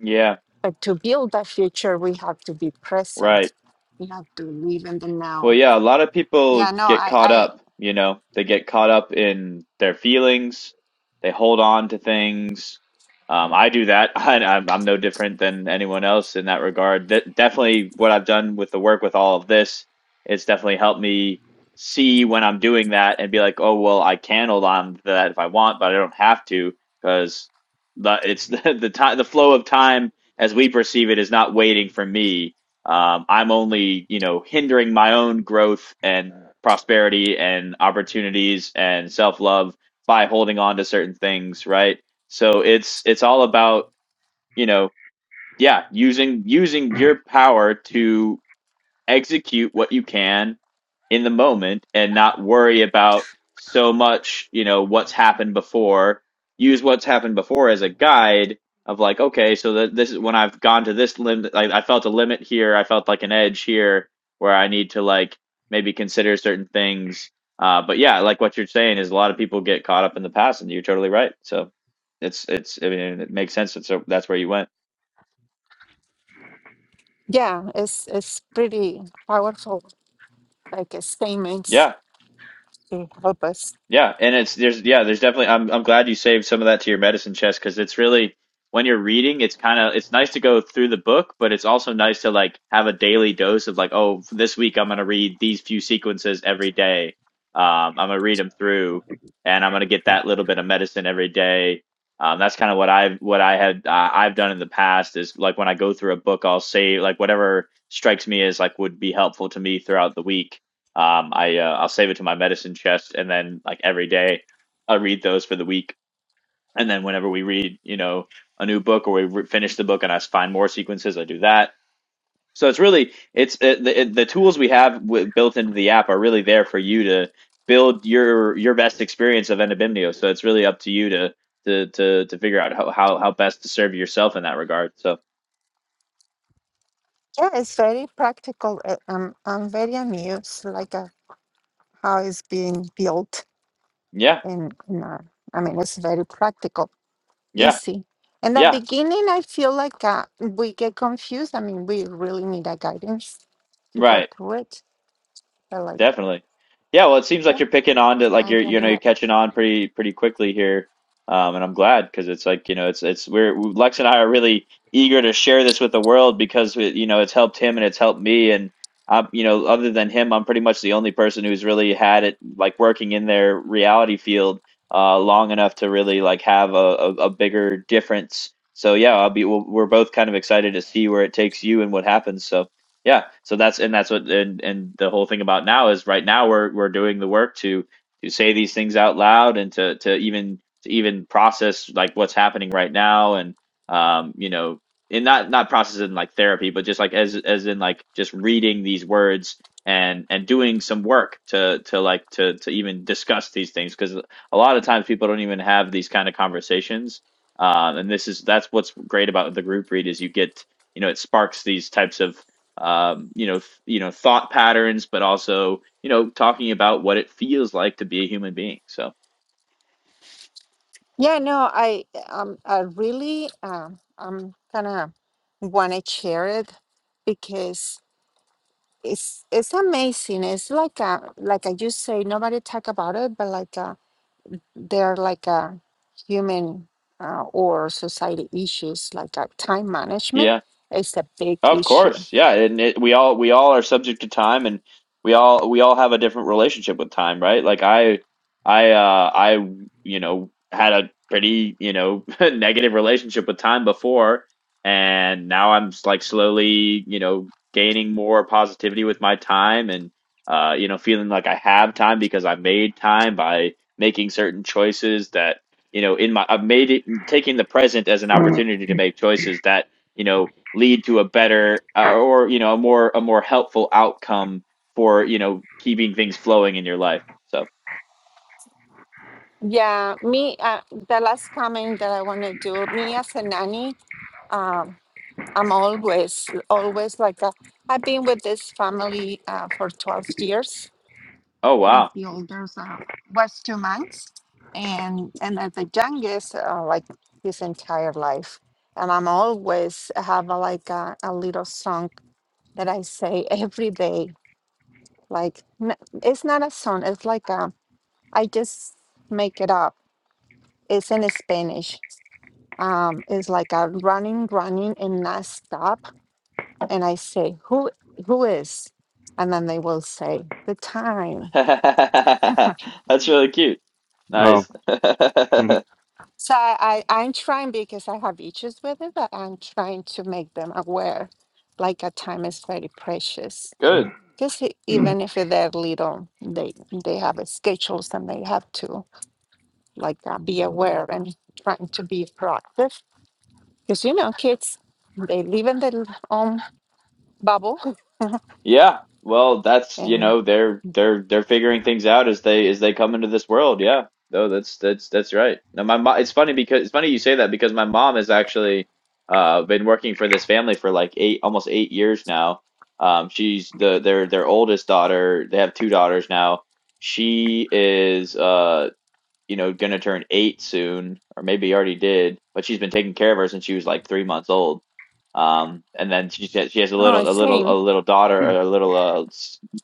A: Yeah,
C: But to build that future, we have to be
A: right.
C: present. We have to live in the
A: Well,
C: now.
A: yeah, a lot of people
C: Yeah, no,
A: get
C: I,
A: caught
C: I
A: up, you know, they get caught up in their feelings. They hold on to things. Um, I do that. [laughs] I, I'm, I'm no different than anyone else in that regard. That definitely what I've done with the work with all of this, it's definitely helped me see when I'm doing that and be like, oh, well, I can hold on to that if I want, but I don't have to because the, it's [laughs] the, the time, the flow of time as we perceive it is not waiting for me um, I'm only, you know, hindering my own growth and prosperity and opportunities and self love by holding on to certain things, right? So it's it's all about, you know, yeah, using using your power to execute what you can in the moment and not worry about so much, you know, what's happened before. Use what's happened before as a guide of like, okay, so that this is when I've gone to this limit, I, I felt a limit here. I felt like an edge here where I need to like maybe consider certain things. Uh, but yeah, like what you're saying is a lot of people get caught up in the past, and you're totally right. So it's it's I mean it makes sense. It's so that's where you went.
C: yeah, it's it's pretty powerful, like uh, statements
A: Yeah.
C: to help us.
A: Yeah, and it's there's yeah there's definitely I'm I'm glad you saved some of that to your medicine chest because it's really when you're reading it's kind of it's nice to go through the book but it's also nice to like have a daily dose of like oh this week I'm gonna read these few sequences every day um I'm gonna read them through and I'm gonna get that little bit of medicine every day um that's kind of what I've what I had uh, I've done in the past is like when I go through a book I'll say like whatever strikes me as like would be helpful to me throughout the week um, I uh, I'll save it to my medicine chest, and then like every day, I read those for the week. And then whenever we read, you know, a new book or we re- finish the book and I find more sequences, I do that. So it's really it's it, the it, the tools we have w- built into the app are really there for you to build your your best experience of Endobimnio. So it's really up to you to to to to figure out how how, how best to serve yourself in that regard. So
C: Yeah, it's very practical. uh, Um, I'm very amused, like uh, how it's being built,
A: yeah,
C: and in, in, uh, I mean, it's very practical,
A: yeah,
C: easy. In the
A: yeah,
C: beginning, I feel like uh, we get confused. I mean, we really need a guidance to go
A: right.
C: through it. But like,
A: Definitely. Yeah, well, it seems like
C: yeah,
A: you're picking on to like
C: I'm
A: you're you know
C: getting it.
A: you're catching on pretty pretty quickly here, um, and I'm glad because it's like you know it's it's we're Lex and I are really eager to share this with the world because we, you know it's helped him and it's helped me and I'm you know other than him I'm pretty much the only person who's really had it like working in their reality field uh, long enough to really like have a, a, a bigger difference. So yeah, I'll be we'll, we're both kind of excited to see where it takes you and what happens. So. Yeah. So that's and that's what and and the whole thing about now is right now we're we're doing the work to to say these things out loud and to to even to even process like what's happening right now and um you know and not not process in like therapy but just like as as in like just reading these words and and doing some work to to like to to even discuss these things because a lot of times people don't even have these kind of conversations um and this is that's what's great about the group read is you get you know it sparks these types of um, you know, th- you know, thought patterns, but also, you know, talking about what it feels like to be a human being. So,
C: Yeah, no, I um I really um I'm gonna wanna share it because it's it's amazing. It's like a like I just say nobody talk about it, but like uh they're like a human uh, or society issues like uh, time management
A: yeah,
C: is a big
A: Of
C: issue.
A: course, yeah, and it, we all we all are subject to time, and we all we all have a different relationship with time, right? Like I, I, uh, I, you know, had a pretty you know [laughs] negative relationship with time before, and now I'm s- like slowly you know gaining more positivity with my time, and uh, you know, feeling like I have time because I made time by making certain choices that you know in my I've made it taking the present as an opportunity to make choices that you know lead to a better uh, or you know a more a more helpful outcome for you know keeping things flowing in your life so
C: Yeah, me uh, the last comment that I want to do, me as a nanny, um, I'm always, always like that. I've been with this family uh, for 12 years
A: oh
C: since
A: wow
C: the oldest uh, was two months, and and as the youngest, uh, like his entire life. And I'm always have a, like a, a little song that I say [laughs] every day. Like n- it's not a song. It's like a I just make it up. It's in Spanish. Um, it's like a running, running, and not stop and I say, "Who who is?" And then they will say the
A: [laughs]
C: time.
A: that's really cute
B: Oh.
A: nice
B: [laughs] hey,
A: [laughs]
C: So I, I I'm trying because I have issues with it, but I'm trying to make them aware, like a time is very precious.
A: good
C: Because even if they're little, they they have a schedules and they have to like uh, be aware and trying to be proactive. Because you know, kids they live in their own bubble
A: Yeah. Well,
C: [laughs]
A: that's, you
C: and
A: know, they're they're they're figuring things out as they as they come into this world. Yeah. No, that's that's that's right. Now my mom, it's funny because it's funny you say that because my mom has actually uh been working for this family for like eight almost eight years now. Um she's the their their oldest daughter. They have two daughters now. She is uh you know, gonna turn eight soon, or maybe already did, but she's been taking care of her since she was like three months old. Um, and then she said she has a
C: oh,
A: little, a little,
C: same.
A: a little daughter, or a little uh,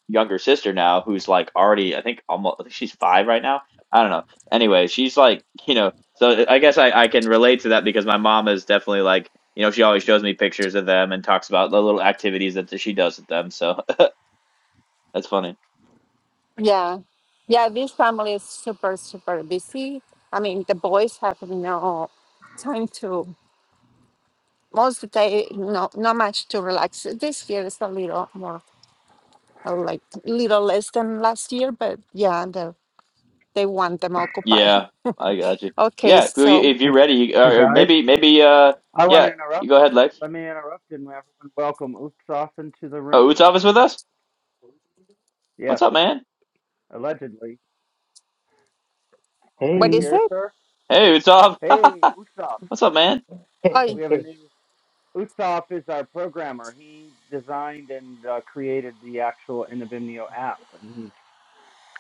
A: younger sister now, who's like already, I think, almost, I think she's five right now. I don't know. Anyway, she's like, you know, so uh, I guess I, I can relate to that because my mom is definitely like, you know, she always shows me pictures of them and talks about the little activities that she does with them. So [laughs] that's funny.
C: Yeah. Yeah, this family is super, super busy. I mean, the boys have no time to, most of the day, no, not much to relax. This year is a little more, uh, like, little less than last year, but yeah, the, they want them occupied. [laughs]
A: Yeah, I got you.
C: Okay,
A: Yeah, if you-
C: so
A: if you're ready, you-
B: hey,
A: or or
B: guys.
A: maybe, maybe, uh,
B: I want to
A: yeah, you
B: interrupt.
A: go ahead, Lex.
B: Let me interrupt and everyone welcome Oopsoff into the
A: Oh,
B: room.
A: Utsav is with us.
B: Yes,
A: What's up, man?
B: allegedly. Are you
C: what
D: Hey,
C: is
B: here,
C: it?
B: sir?
A: Hey, Utsav. [laughs]
B: Hey, Utsoff.
A: What's up, man?
D: [laughs]
C: Oh,
B: We have a new. Utsoff is our programmer. He designed and uh, created the actual Inabimnio app, and he's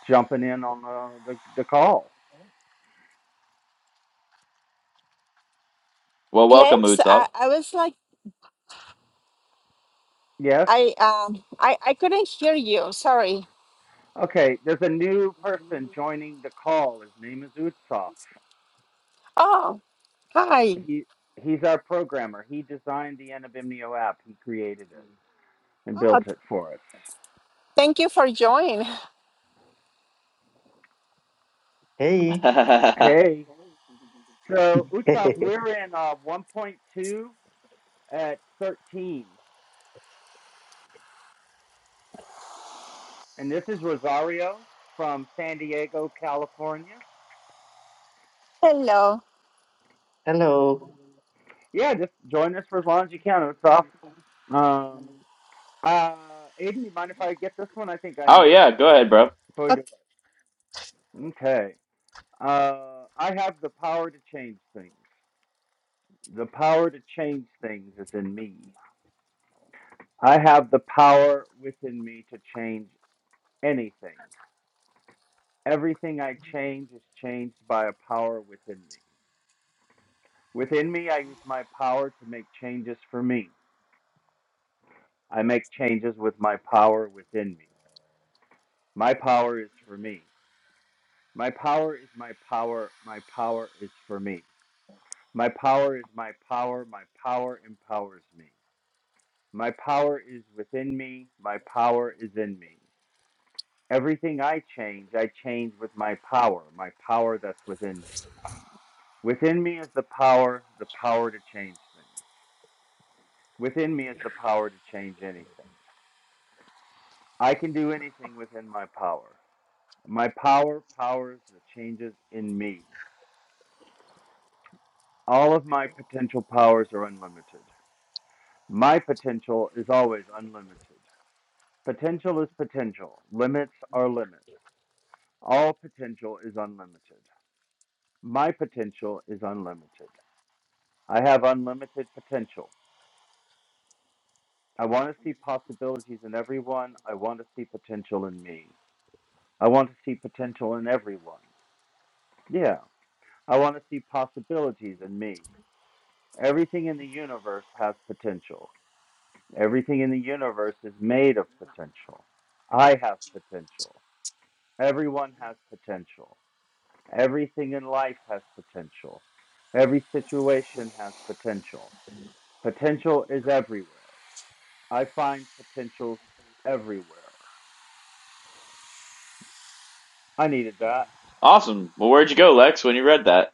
B: jumping in on the, the, the call.
A: Well, welcome,
C: Lex,
A: Utsav.
C: I, I was like,
B: Yes?
C: I, um, I, I couldn't hear you. Sorry.
B: Okay, there's a new person joining the call. His name is Utsoff.
C: Oh, hi.
B: He, he's our programmer. He designed the Inabimnio app, he created it and
C: Oh,
B: built it for us.
C: thank you for joining.
D: hey,
A: [laughs]
B: Hey. So, Utsoff,
D: [laughs]
B: we're in uh, 1.2 at 13. And this is Rosario from San Diego, California.
C: [laughs] Hello.
D: hello.
B: Yeah, just join us for as long as you can. It's off. Um, uh, Aiden, you mind if I get this one? I think I
A: Oh
B: need this
A: yeah,
B: one.
A: go ahead, bro.
B: Before we do it. Okay. Uh, I have the power to change things. The power to change things is in me. I have the power within me to change anything. Everything I change is changed by a power within me. Within me, I use my power to make changes for me. I make changes with my power within me. My power is for me. My power is my power. My power is for me. My power is my power. My power empowers me. My power is within me. My power is in me. Everything I change, I change with my power, my power that's within me. Within me is the power, the power to change things. Within me is the power to change anything. I can do anything within my power. My power powers the changes in me. All of my potential powers are unlimited. My potential is always unlimited. Potential is potential. Limits are limits. All potential is unlimited. My potential is unlimited. I have unlimited potential. I want to see possibilities in everyone. I want to see potential in me. I want to see potential in everyone. Yeah, I want to see possibilities in me. Everything in the universe has potential. Everything in the universe is made of potential. I have potential. Everyone has potential. Everything in life has potential. Every situation has potential. Potential is everywhere. I find potentials everywhere. I needed that.
A: Awesome. Well, where'd you go, Lex? When you read that?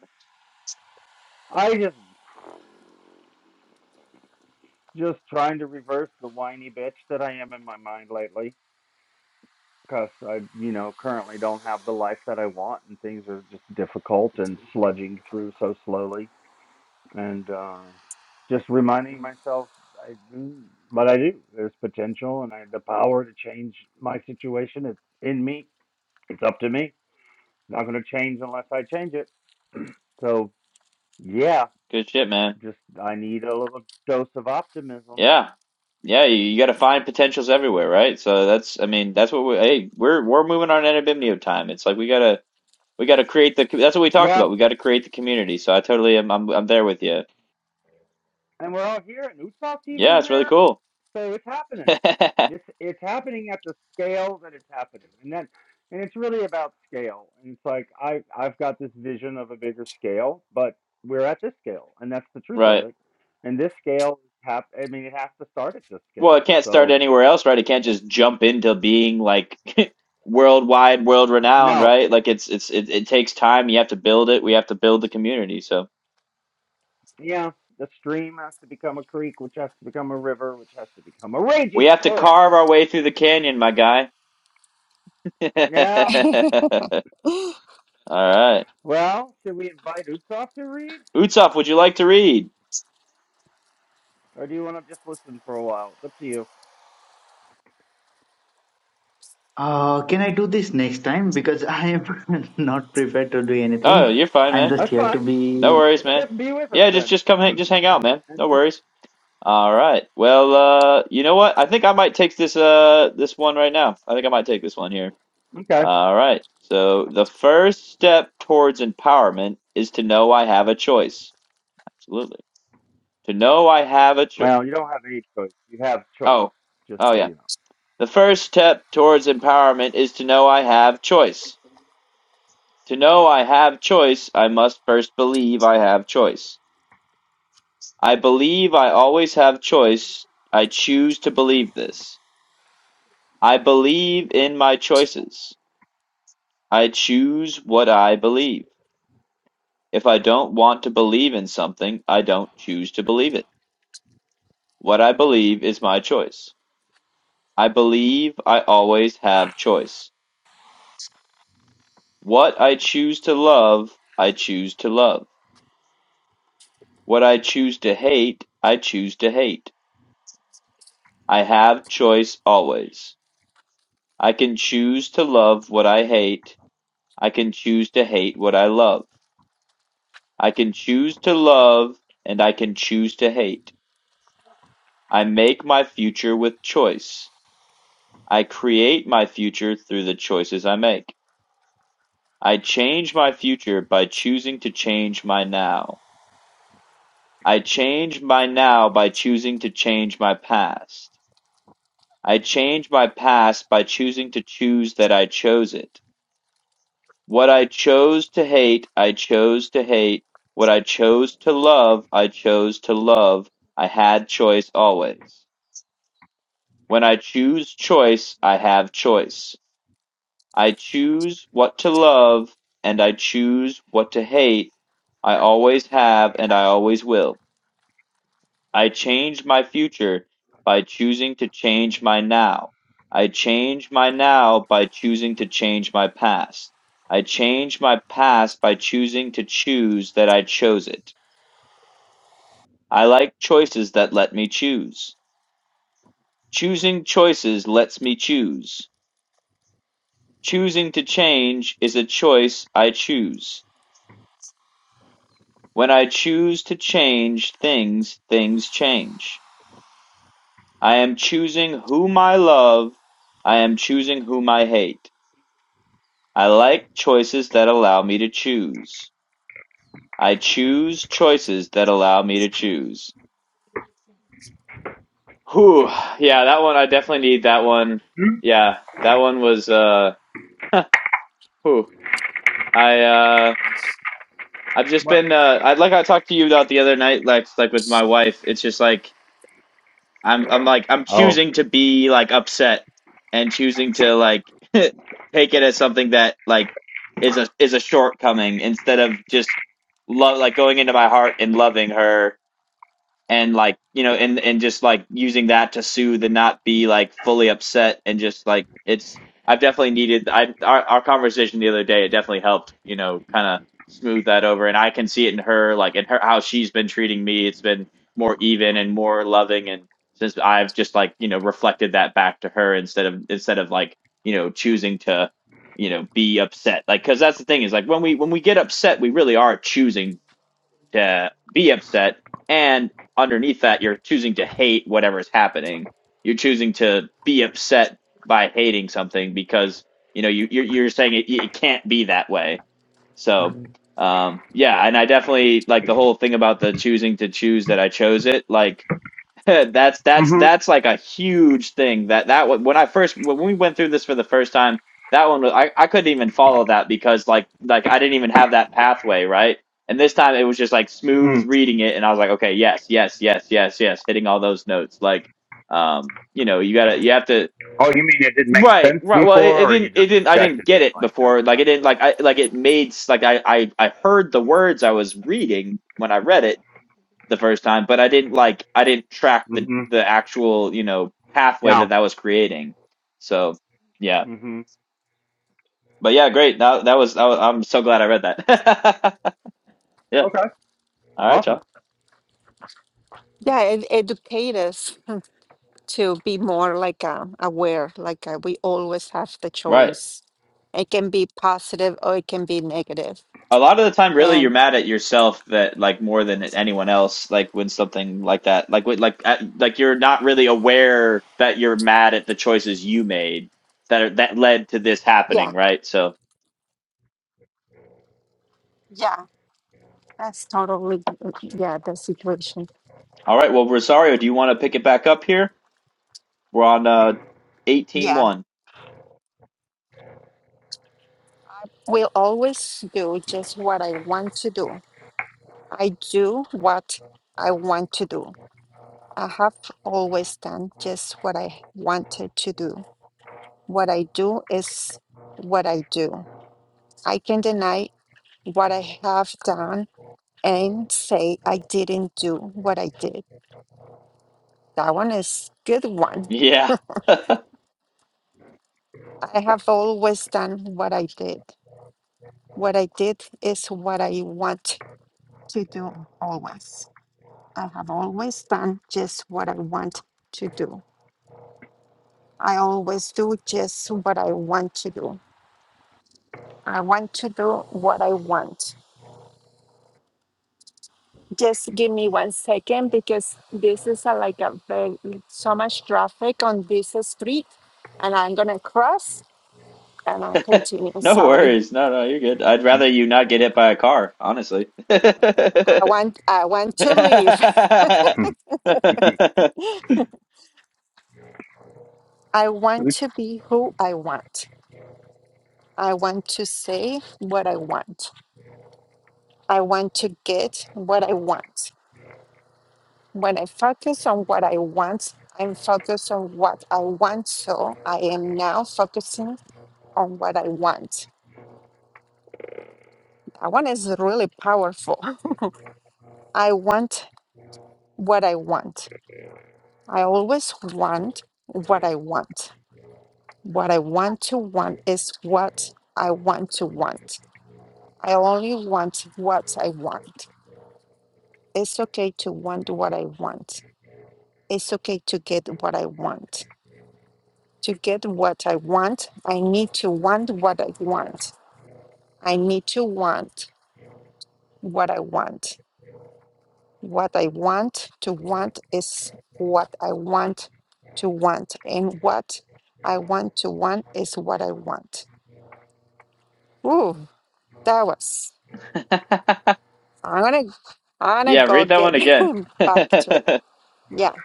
B: I just just trying to reverse the whiny bitch that I am in my mind lately. because I, you know, currently don't have the life that I want, and things are just difficult and sludging through so slowly. And uh, just reminding myself, I, mm, but I do. There's potential, and I have the power to change my situation. It's in me. It's up to me. Not going to change unless I change it. So yeah,
A: Good shit, man.
B: just I need a little dose of optimism.
A: Yeah, yeah. You, you got to find potentials everywhere, right? So that's, I mean, that's what we. Hey, we're we're moving on anonymity time. It's like we gotta we gotta create the. That's what we talked
B: Yeah,
A: about. We gotta create the community. So I totally am. I'm I'm there with you.
B: and we're all here, and Utsak's even
A: Yeah, it's really
B: here.
A: cool.
B: So it's happening.
A: [laughs]
B: It's it's happening at the scale that it's happening, and that and it's really about scale. And it's like I I've got this vision of a bigger scale, but we're at this scale, and that's the truth of
A: Right.
B: it. And this scale is hap- I mean, it has to start at this
A: Well, it
B: scale.
A: can't start
B: So
A: anywhere else, right? It can't just jump into being like [laughs] worldwide, world renowned,
B: no,
A: right? Like it's it's it, it takes time. You have to build it. We have to build the community. So
B: yeah, the stream has to become a creek, which has to become a river, which has to become a
A: we
B: raging
A: have to
B: torrent.
A: carve our way through the canyon, my guy. [laughs] All
B: Yeah.
A: right.
B: Well, should we invite Utsoff to read,
A: Utsoff, would you like to read?
B: or do you want to just listen for a while? It's up to you.
D: Uh, can I do this next time? Because I am [laughs] not prepared to do
A: Oh,
D: anything.
A: you're fine,
D: I'm
A: man.
D: just
B: That's
D: here
B: fine.
D: to
A: No
D: be.
A: worries, man.
B: Just be with us
A: Yeah, just
B: then.
A: just come
B: [clears throat]
A: hang, just hang out, man.
B: And
A: No
B: just
A: worries. All right. Well, uh, you know what? I think I might take this uh this one right now. I think I might take this one here.
B: okay.
A: All right. So the first step towards empowerment is to know I have a choice. Absolutely. To know I have a choice.
B: Well, you don't have any choice. You have choice,
A: Oh,
B: just
A: oh
B: so
A: yeah.
B: you know.
A: The first step towards empowerment is to know I have choice. To know I have choice, I must first believe I have choice. I believe I always have choice. I choose to believe this. I believe in my choices. I choose what I believe. If I don't want to believe in something, I don't choose to believe it. What I believe is my choice. I believe I always have choice. What I choose to love, I choose to love. What I choose to hate, I choose to hate. I have choice always. I can choose to love what I hate. I can choose to hate what I love. I can choose to love and I can choose to hate. I make my future with choice. I create my future through the choices I make. I change my future by choosing to change my now. I change my now by choosing to change my past. I change my past by choosing to choose that I chose it. What I chose to hate, I chose to hate. What I chose to love, I chose to love. I had choice always. When I choose choice, I have choice. I choose what to love and I choose what to hate. I always have and I always will. I change my future by choosing to change my now. I change my now by choosing to change my past. I change my past by choosing to choose that I chose it. I like choices that let me choose. Choosing choices lets me choose. Choosing to change is a choice I choose. When I choose to change things, things change. I am choosing whom I love. I am choosing whom I hate. I like choices that allow me to choose. I choose choices that allow me to choose. Whew. Yeah, that one, I definitely need that one.
B: Hmm?
A: Yeah, that one was, uh, [laughs] whew. I, uh, I've just
B: What?
A: been, uh, I, like I talked to you about the other night, like, like with my wife. It's just like, I'm I'm like I'm
B: Oh.
A: choosing to be like upset and choosing to like [laughs] take it as something that like is a is a shortcoming instead of just love like going into my heart and loving her and like you know and and just like using that to soothe and not be like fully upset and just like it's I've definitely needed I our, our conversation the other day it definitely helped you know kind of smooth that over and I can see it in her like in her how she's been treating me it's been more even and more loving and since I've just like you know reflected that back to her instead of instead of like you know choosing to you know be upset like because that's the thing is like when we when we get upset we really are choosing to be upset. And underneath that, you're choosing to hate whatever is happening. You're choosing to be upset by hating something because you know you you're, you're saying it, it can't be that way. So um, yeah, and I definitely like the whole thing about the choosing to choose that I chose it. Like [laughs] That's that's
B: Mm-hmm.
A: that's like a huge thing. That that one- when I first when we went through this for the first time, that one was, I I couldn't even follow that because like like I didn't even have that pathway, right? And this time it was just like
B: Hmm.
A: smooth reading it, and I was like, okay, yes, yes, yes, yes, yes, hitting all those notes. Like, um, you know, you gotta you have to
B: Oh, you mean it didn't make
A: right,
B: sense
A: right. Well, it, it
B: before, or you
A: didn't it
B: just
A: didn't I didn't
B: rejected
A: get
B: it?
A: it
B: Like that's
A: before. Like it
B: not
A: didn't
B: true.
A: like I like it made s- like I I I heard the words I was reading when I read it the first time, but I didn't like I didn't track the
B: Mm-hmm.
A: the actual you know pathway
B: Yeah.
A: that that was creating. So yeah,
B: Mm-hmm.
A: but yeah, great. That that was, that was I'm so glad I read that. [laughs] yeah.
B: Okay.
A: All right,
B: Awesome.
A: y'all.
C: Yeah, and educate us to be more like um, aware, like uh, we always have the
A: Right.
C: choice. It can be positive or it can be negative.
A: A lot of the time, really, you're
C: And
A: mad at yourself that like more than anyone else. Like when something like that, like when- like at, like you're not really aware that you're mad at the choices you made that are, that led to this happening,
C: yeah,
A: right? So,
C: yeah, that's totally, yeah, the situation.
A: all right. Well, Rosario, do you want to pick it back up here? We're on uh 18
C: Yeah,
A: one.
C: will always do just what I want to do. I do what I want to do. I have always done just what I wanted to do. What I do is what I do. I can deny what I have done and say I didn't do what I did. That one is good one.
A: Yeah. [laughs]
C: I have always done what I did. What I did is what I want to do always. I have always done just what I want to do. I always do just what I want to do. I want to do what I want. Just give me one second because this is a, like a very, so much traffic on this street, and I'm gonna cross and I'll continue.
A: No
C: Sorry,
A: worries. No, no, you're good. I'd rather you not get hit by a car, honestly. [laughs]
C: I want I want to leave.
B: [laughs]
C: [laughs] I want to be who I want. I want to say what I want. I want to get what I want. When I focus on what I want, I'm focused on what I want. So I am now focusing on what I want. That one is really powerful. [laughs] I want what I want. I always want what I want. What I want to want is what I want to want. I only want what I want. It's okay to want what I want. It's okay to get what I want. To get what I want, I need to want what I want. I need to want what I want. What I want to want is what I want to want. And what I want to want is what I want. Ooh, that was I'm gonna I'm gonna
A: Yeah,
C: go
A: read that one
C: get [laughs]
A: again. [laughs]
C: back to it. Yeah.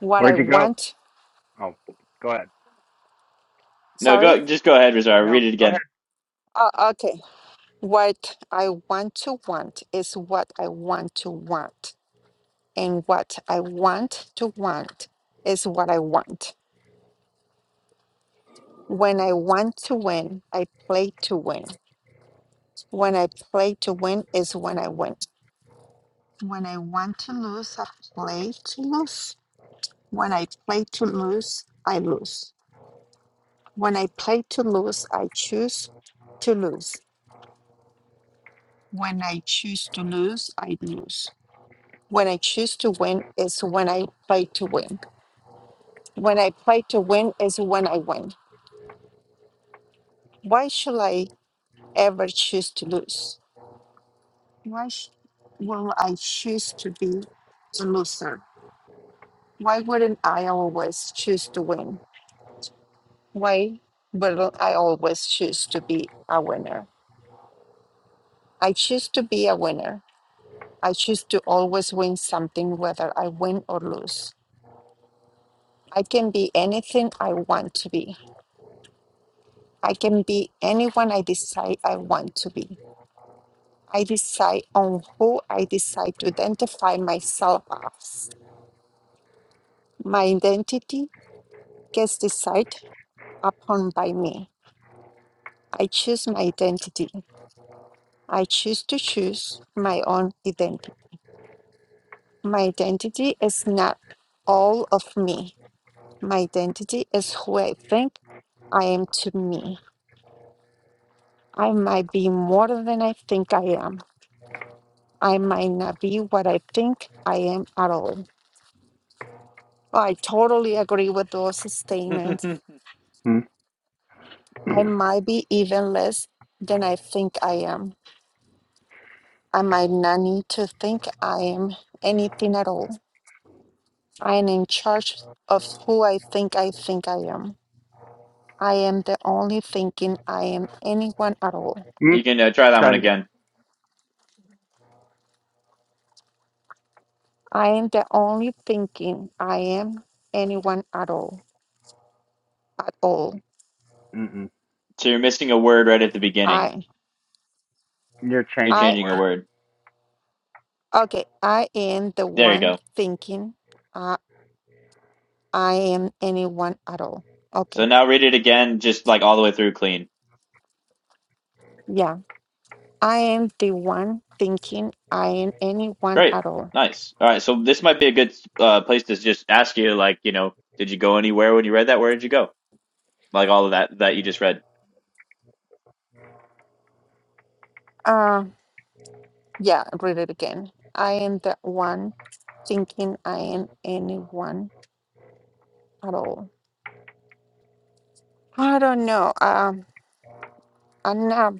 C: What I
B: Where'd you go?
C: want
B: Oh, go ahead.
A: No,
C: sorry?
A: go just go ahead, Rizar.
B: No,
A: Read it
B: go ahead.
A: again.
C: Oh, okay. What I want to want is what I want to want. And what I want to want is what I want. When I want to win, I play to win. When I play to win is when I win. When I want to lose, I play to lose. When I play to lose, I lose. When I play to lose, I choose to lose. When I choose to lose, I lose. When I choose to win is when I play to win. When I play to win is when I win. Why should I ever choose to lose? Why sh- will I choose to be a loser? Why wouldn't I always choose to win? why will I always choose to be a winner? I choose to be a winner. I choose to always win something, whether I win or lose. I can be anything I want to be. I can be anyone I decide I want to be. I decide on who I decide to identify myself as. My identity gets decided upon by me. I choose my identity. I choose to choose my own identity. My identity is not all of me. My identity is who I think I am to me. I might be more than I think I am. I might not be what I think I am at all. I totally agree with those statements.
A: [laughs]
C: I might be even less than I think I am. I might not need to think I am anything at all. I am in charge of who I think I think I am. I am the only thinking I am anyone at all.
B: Mm-hmm.
A: You can uh, try that
B: Try
A: one
B: it again.
A: again.
C: I am the only thinking I am anyone at all. At all.
B: Mm-mm.
A: So you're missing a word right at the beginning.
C: I
B: You're
A: You're
B: changing a
C: I
A: changing a
B: word.
A: word.
C: okay, I am the
A: There you
C: one
A: go.
C: thinking I I am anyone at all.
A: So
C: Okay.
A: now read it again, just like all the way through clean.
C: Yeah. I am the one thinking I am anyone
A: Great.
C: at all.
A: Nice. All right. So this might be a good uh, place to just ask you, like, you know, did you go anywhere when you read that? Where did you go? Like all of that that you just read.
C: Uh yeah, read it again. I am the one thinking I am anyone at all. I don't know. Um I'm not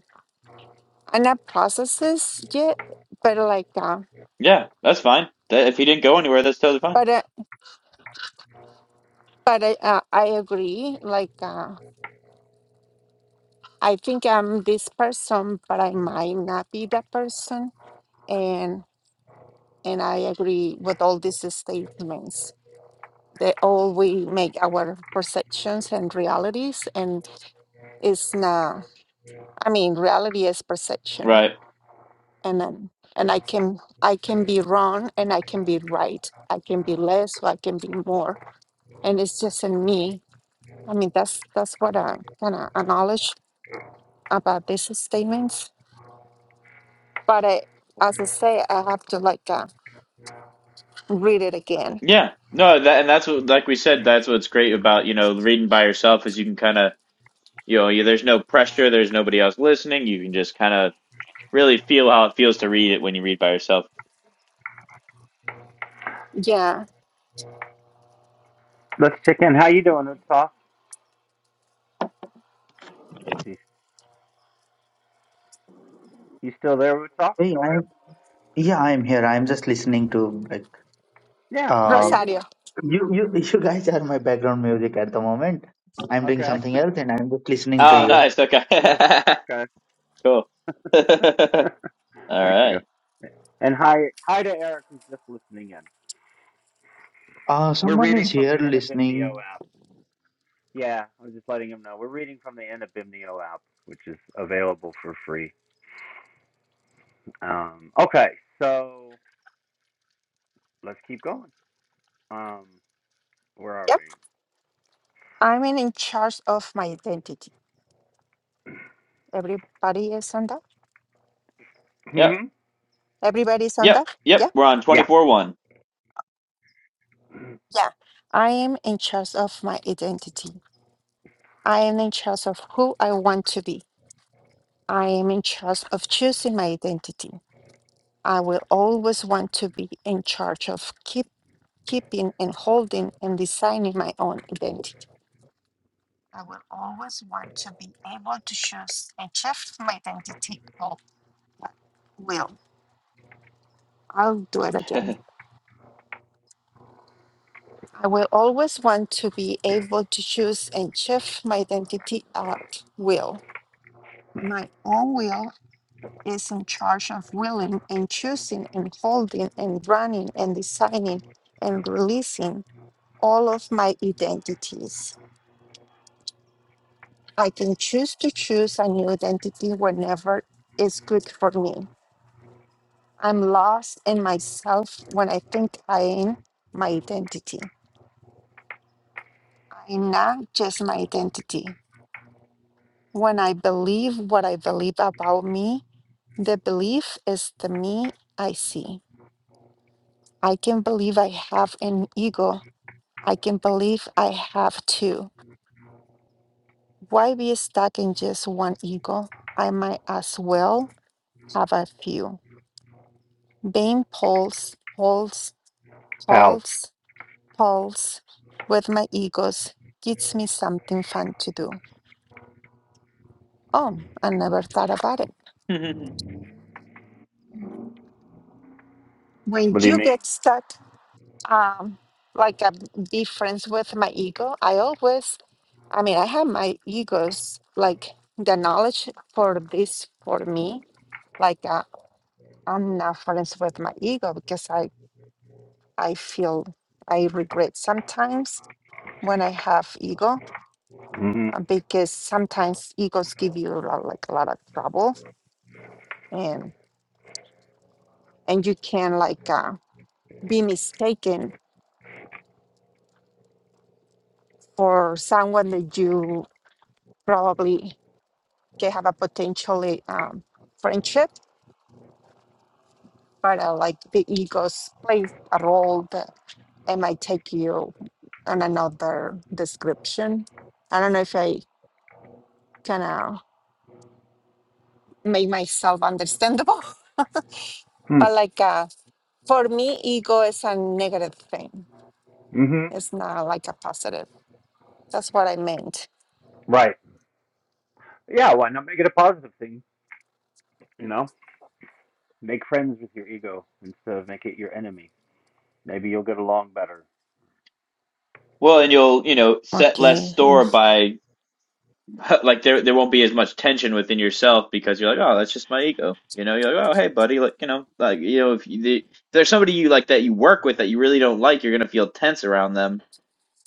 C: I'm not processed this yet, but like, uh,
A: Yeah, that's fine. That, if he didn't go anywhere, that's totally fine.
C: but uh, but I uh, I agree. Like, uh, I think I'm this person, but I might not be that person, and and I agree with all these statements. They all we make our perceptions and realities, and it's not. I mean, reality is perception,
A: Right.
C: and then and I can I can be wrong, and I can be right. I can be less, or I can be more, and it's just in me I mean, that's that's what I kind of acknowledge about these statements. But I, as I say, I have to like uh, read it again.
A: Yeah. No, that and that's what, like we said, that's what's great about, you know, reading by yourself is you can kind of, you know, you, there's no pressure, there's nobody else listening. You can just kind of really feel how it feels to read it when you read by yourself.
C: Yeah,
B: Let's check in. How you doing, Utah? You you still there, Utah?
D: Hey, I yeah, I'm here. I'm just listening to like
B: Yeah, how
D: uh,
B: you
C: Rosario.
B: doing?
D: you you you guys are my background music at the moment. I'm doing
B: Okay. [laughs]
D: something else and I'm just listening to
A: Oh,
B: Ah,
D: you.
A: nice. Okay.
B: beautiful.
A: [laughs]
B: Okay.
A: Cool. [laughs]
B: [laughs]
A: All
B: Thank you.
A: right.
B: And hi, hi to Eric who's just listening in.
D: Uh,
B: We're
D: someone
B: reading
D: is
B: from
D: here
B: the Inabimnio
D: listening.
B: app. Yeah, I was just letting him know. We're reading from the Inabimnio app, which is available for free. Um, okay, so let's keep going. Um, where are
C: Yep, I'm in, in charge of my identity. Everybody is on that.
B: we?
A: Yep.
B: hmm
C: Everybody is on
A: Yep.
C: that.
A: Yep.
C: Yeah,
A: We're on
B: Yeah,
A: 24-1.
C: yeah. I am in charge of my identity. I am in charge of who I want to be. I am in charge of choosing my identity. I will always want to be in charge of keep. keeping and holding and designing my own identity. I will always want to be able to choose and shift my identity. Oh, I will. I'll do it again.
A: [laughs]
C: I will always want to be able to choose and shift my identity at will. My own will is in charge of willing and choosing and holding and running and designing and releasing all of my identities. I can choose to choose a new identity whenever is good for me. I'm lost in myself when I think I am my identity. I'm not just my identity. When I believe what I believe about me, the belief is the me I see. I can believe I have an ego. I can believe I have two. Why be stuck in just one ego? I might as well have a few. Being pulse,
B: pals.
C: Pulse, pulse with my egos gives me something fun to do. Oh, I never thought about it. When
B: What do you
C: you
B: mean?
C: get stuck, um, like a be friends with my ego, I always, I mean, I have my egos, like the knowledge for this for me. Like uh, I'm not friends with my ego because I, I feel I regret sometimes when I have ego
B: Mm-hmm.
C: uh, because sometimes egos give you a lot, like a lot of trouble and and you can like uh, be mistaken for someone that you probably can have a potentially um, friendship, but uh, like the egos play a role that it might take you on another description. I don't know if I kind of make myself understandable, [laughs]
B: Hmm,
C: but like uh, for me, ego is a negative thing.
B: Mm-hmm.
C: It's not like a positive. That's what I meant.
B: Right. Yeah, why not make it a positive thing? You know? Make friends with your ego instead of make it your enemy. Maybe you'll get along better.
A: Well, and you'll, you know, set less
C: Okay.
A: store
C: mm,
A: by [laughs] like there there won't be as much tension within yourself because you're like, oh, that's just my ego. You know, you're like, oh, hey, buddy, like, you know, like, you know, if, you, the, if there's somebody you like that you work with that you really don't like, you're gonna feel tense around them.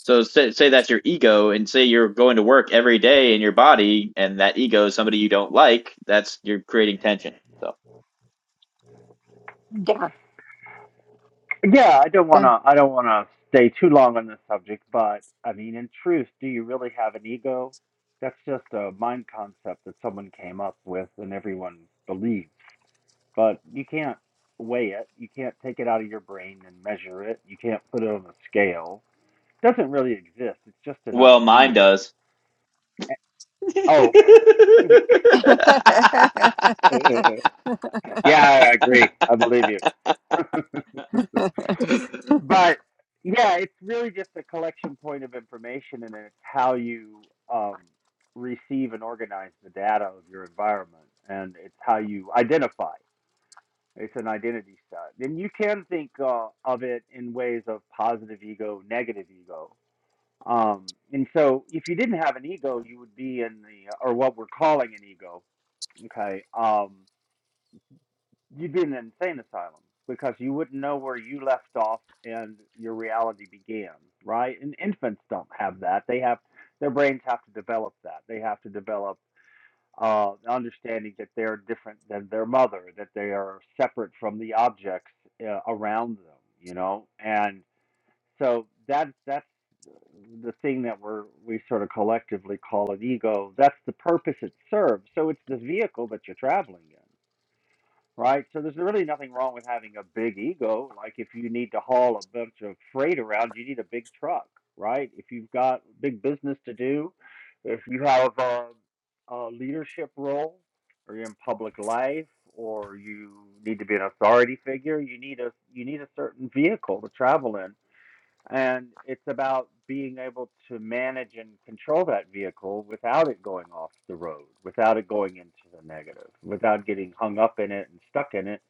A: So say, say that's your ego, and say you're going to work every day in your body, and that ego is somebody you don't like. That's you're creating tension. So,
C: Yeah.
B: Yeah, I don't wanna I don't wanna stay too long on this subject, but I mean in truth, do you really have an ego? That's just a mind concept that someone came up with and everyone believes. But you can't weigh it. You can't take it out of your brain and measure it. You can't put it on a scale. It doesn't really exist. It's just an
A: well, mine
B: idea.
A: does.
B: Oh,
C: [laughs]
B: [laughs] yeah, I agree. I believe you. [laughs]
A: [laughs]
B: but yeah, it's really just a collection point of information, and it's how you um, receive and organize the data of your environment, and it's how you identify. It's an identity set, and you can think uh, of it in ways of positive ego, negative ego. Um, and so, if you didn't have an ego, you would be in the or what we're calling an ego. Okay. Um, you'd be in an insane asylum because you wouldn't know where you left off and your reality began, right? And infants don't have that. They have their brains have to develop that. They have to develop uh, understanding that they're different than their mother, that they are separate from the objects uh, around them, you know. And so that that's the thing that we're we sort of collectively call an ego. That's the purpose it serves. So it's the vehicle that you're traveling in right? So there's really nothing wrong with having a big ego. Like if you need to haul a bunch of freight around, you need a big truck, right? If you've got big business to do, if you have a, a leadership role or you're in public life or you need to be an authority figure, you need a you need a certain vehicle to travel in. And it's about being able to manage and control that vehicle without it going off the road, without it going into the negative, without getting hung up in it and stuck in it.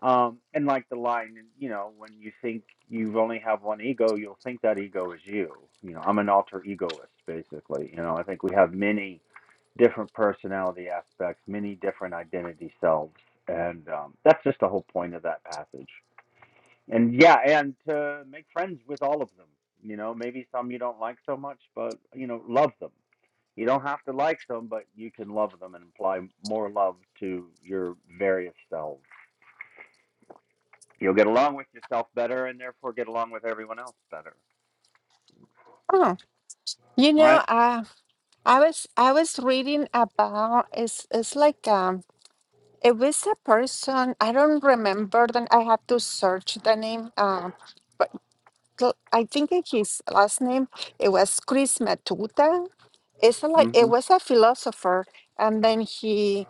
B: Um, and like the line, you know, when you think you only have one ego, you'll think that ego is you. You know, I'm an alter egoist, basically. You know, I think we have many different personality aspects, many different identity selves. And um, that's just the whole point of that passage. And yeah, and to make friends with all of them. You know, maybe some you don't like so much, but you know, love them. You don't have to like them, but you can love them and apply more love to your various selves. You'll get along with yourself better, and therefore get along with everyone else better.
C: Oh, you
B: Right?
C: know, uh, I was I was reading about it's it's like um it was a person I don't remember then I have to search the name um but cl- I think it- his last name it was Chris Matuta. It's like it
B: Mm-hmm.
C: was a philosopher and then he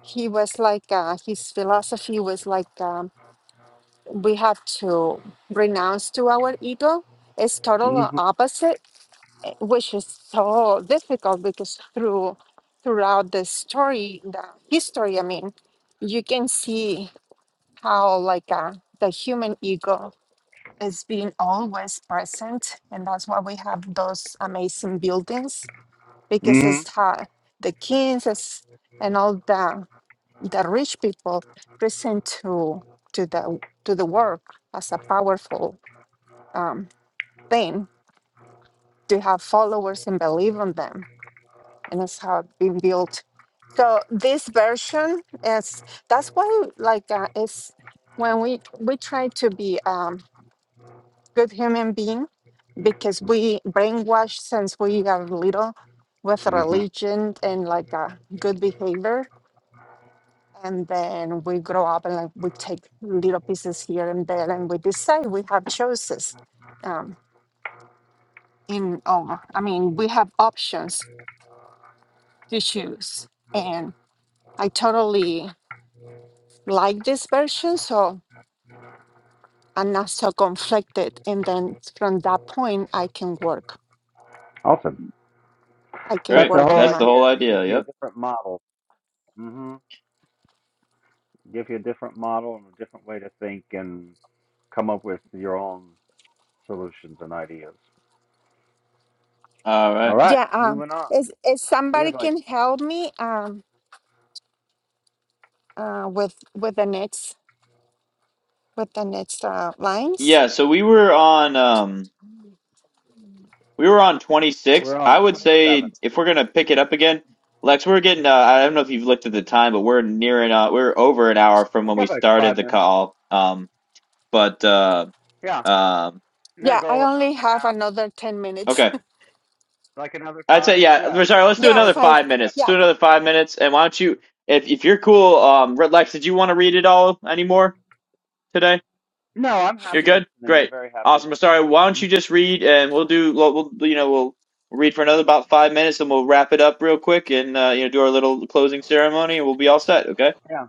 C: he was like uh, his philosophy was like um, we have to renounce to our ego. It's total
B: Mm-hmm.
C: opposite uh, which is so difficult because through throughout the story the history i mean you can see how like uh, the human ego is being always present and that's why we have those amazing buildings because it's
B: Mm-hmm.
C: how the kings is- and all the the rich people present to to the to the work as a powerful um, thing to have followers and believe on them and that's how it been built. So this version is that's why like uh, it's when we we try to be um good human being because we brainwashed since we are little with
B: Mm-hmm.
C: religion and like uh, good behavior and then we grow up and like we take little pieces here and there and we decide we have choices um in oh i mean we have options to choose and i totally like this version so i'm not so conflicted and then from that point i can work
B: Awesome.
C: i can
B: That's
A: Great.
B: the
C: work on
B: whole
A: That's the
C: my
B: idea
A: whole
B: is to give
A: idea.
B: you a
A: Yep.
B: different model. Mm-hmm. Give you a different model and a different way to think and come up with your own solutions and ideas.
A: All
B: All
A: right.
B: right,
C: yeah um
B: moving on.
C: is, is
B: We
C: somebody
B: have like
C: can help me um uh with with the next with the next uh, lines
A: Yeah, so we were on um we were on
B: we're
A: 26. I
B: on
A: would
B: twenty seven.
A: say if we're going to pick it up again, Lex, we're getting uh, I don't know if you've looked at the time, but we're nearing uh we're over an hour from
B: We
A: when we
B: have like
A: started
B: five
A: the
B: minutes.
A: call. Um but uh
B: Yeah,
A: um
B: and our
C: yeah i
B: goal an hour
C: only
B: and a
C: have
B: half.
C: another 10 minutes
A: okay.
B: Like another
A: I'd say
B: five.
A: yeah,
B: Yeah,
A: we're sorry,
C: [laughs]
A: let's
B: our
A: do
C: yeah
B: goal
A: another
B: is an
C: five
B: hour
A: 5
B: and a
A: minutes.
B: half.
A: Let's
C: yeah
A: do another 5 minutes and why don't you if if you're cool um Red Lex, did you want to read it all anymore today?
B: No, I'm
A: You're
B: happy
A: good?
B: listening. I'm
A: Great.
B: very happy
A: Awesome.
B: listening.
A: Sorry, why don't
B: Mhm.
A: you just read and we'll do, we'll, we'll you know, we'll read for another about five minutes and we'll wrap it up real quick and, uh, you know, do our little closing ceremony and we'll be all set. Okay.
B: Yeah,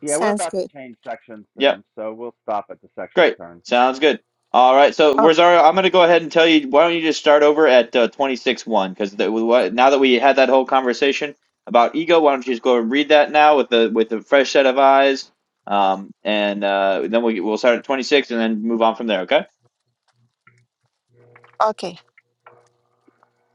B: yeah. We're
C: sounds
B: about to
C: good
B: change sections
A: Yeah.
B: soon, so we'll stop at the section
A: Great.
B: turn.
A: Sounds good. All right. So,
C: okay
A: Rosario, I'm going to go ahead and tell you, why don't you just start over at uh, 26 1? Because now that we had that whole conversation about ego, why don't you just go and read that now with the with a fresh set of eyes? Um, and uh, then we'll, we'll start at 26 and then move on from there. Okay.
C: okay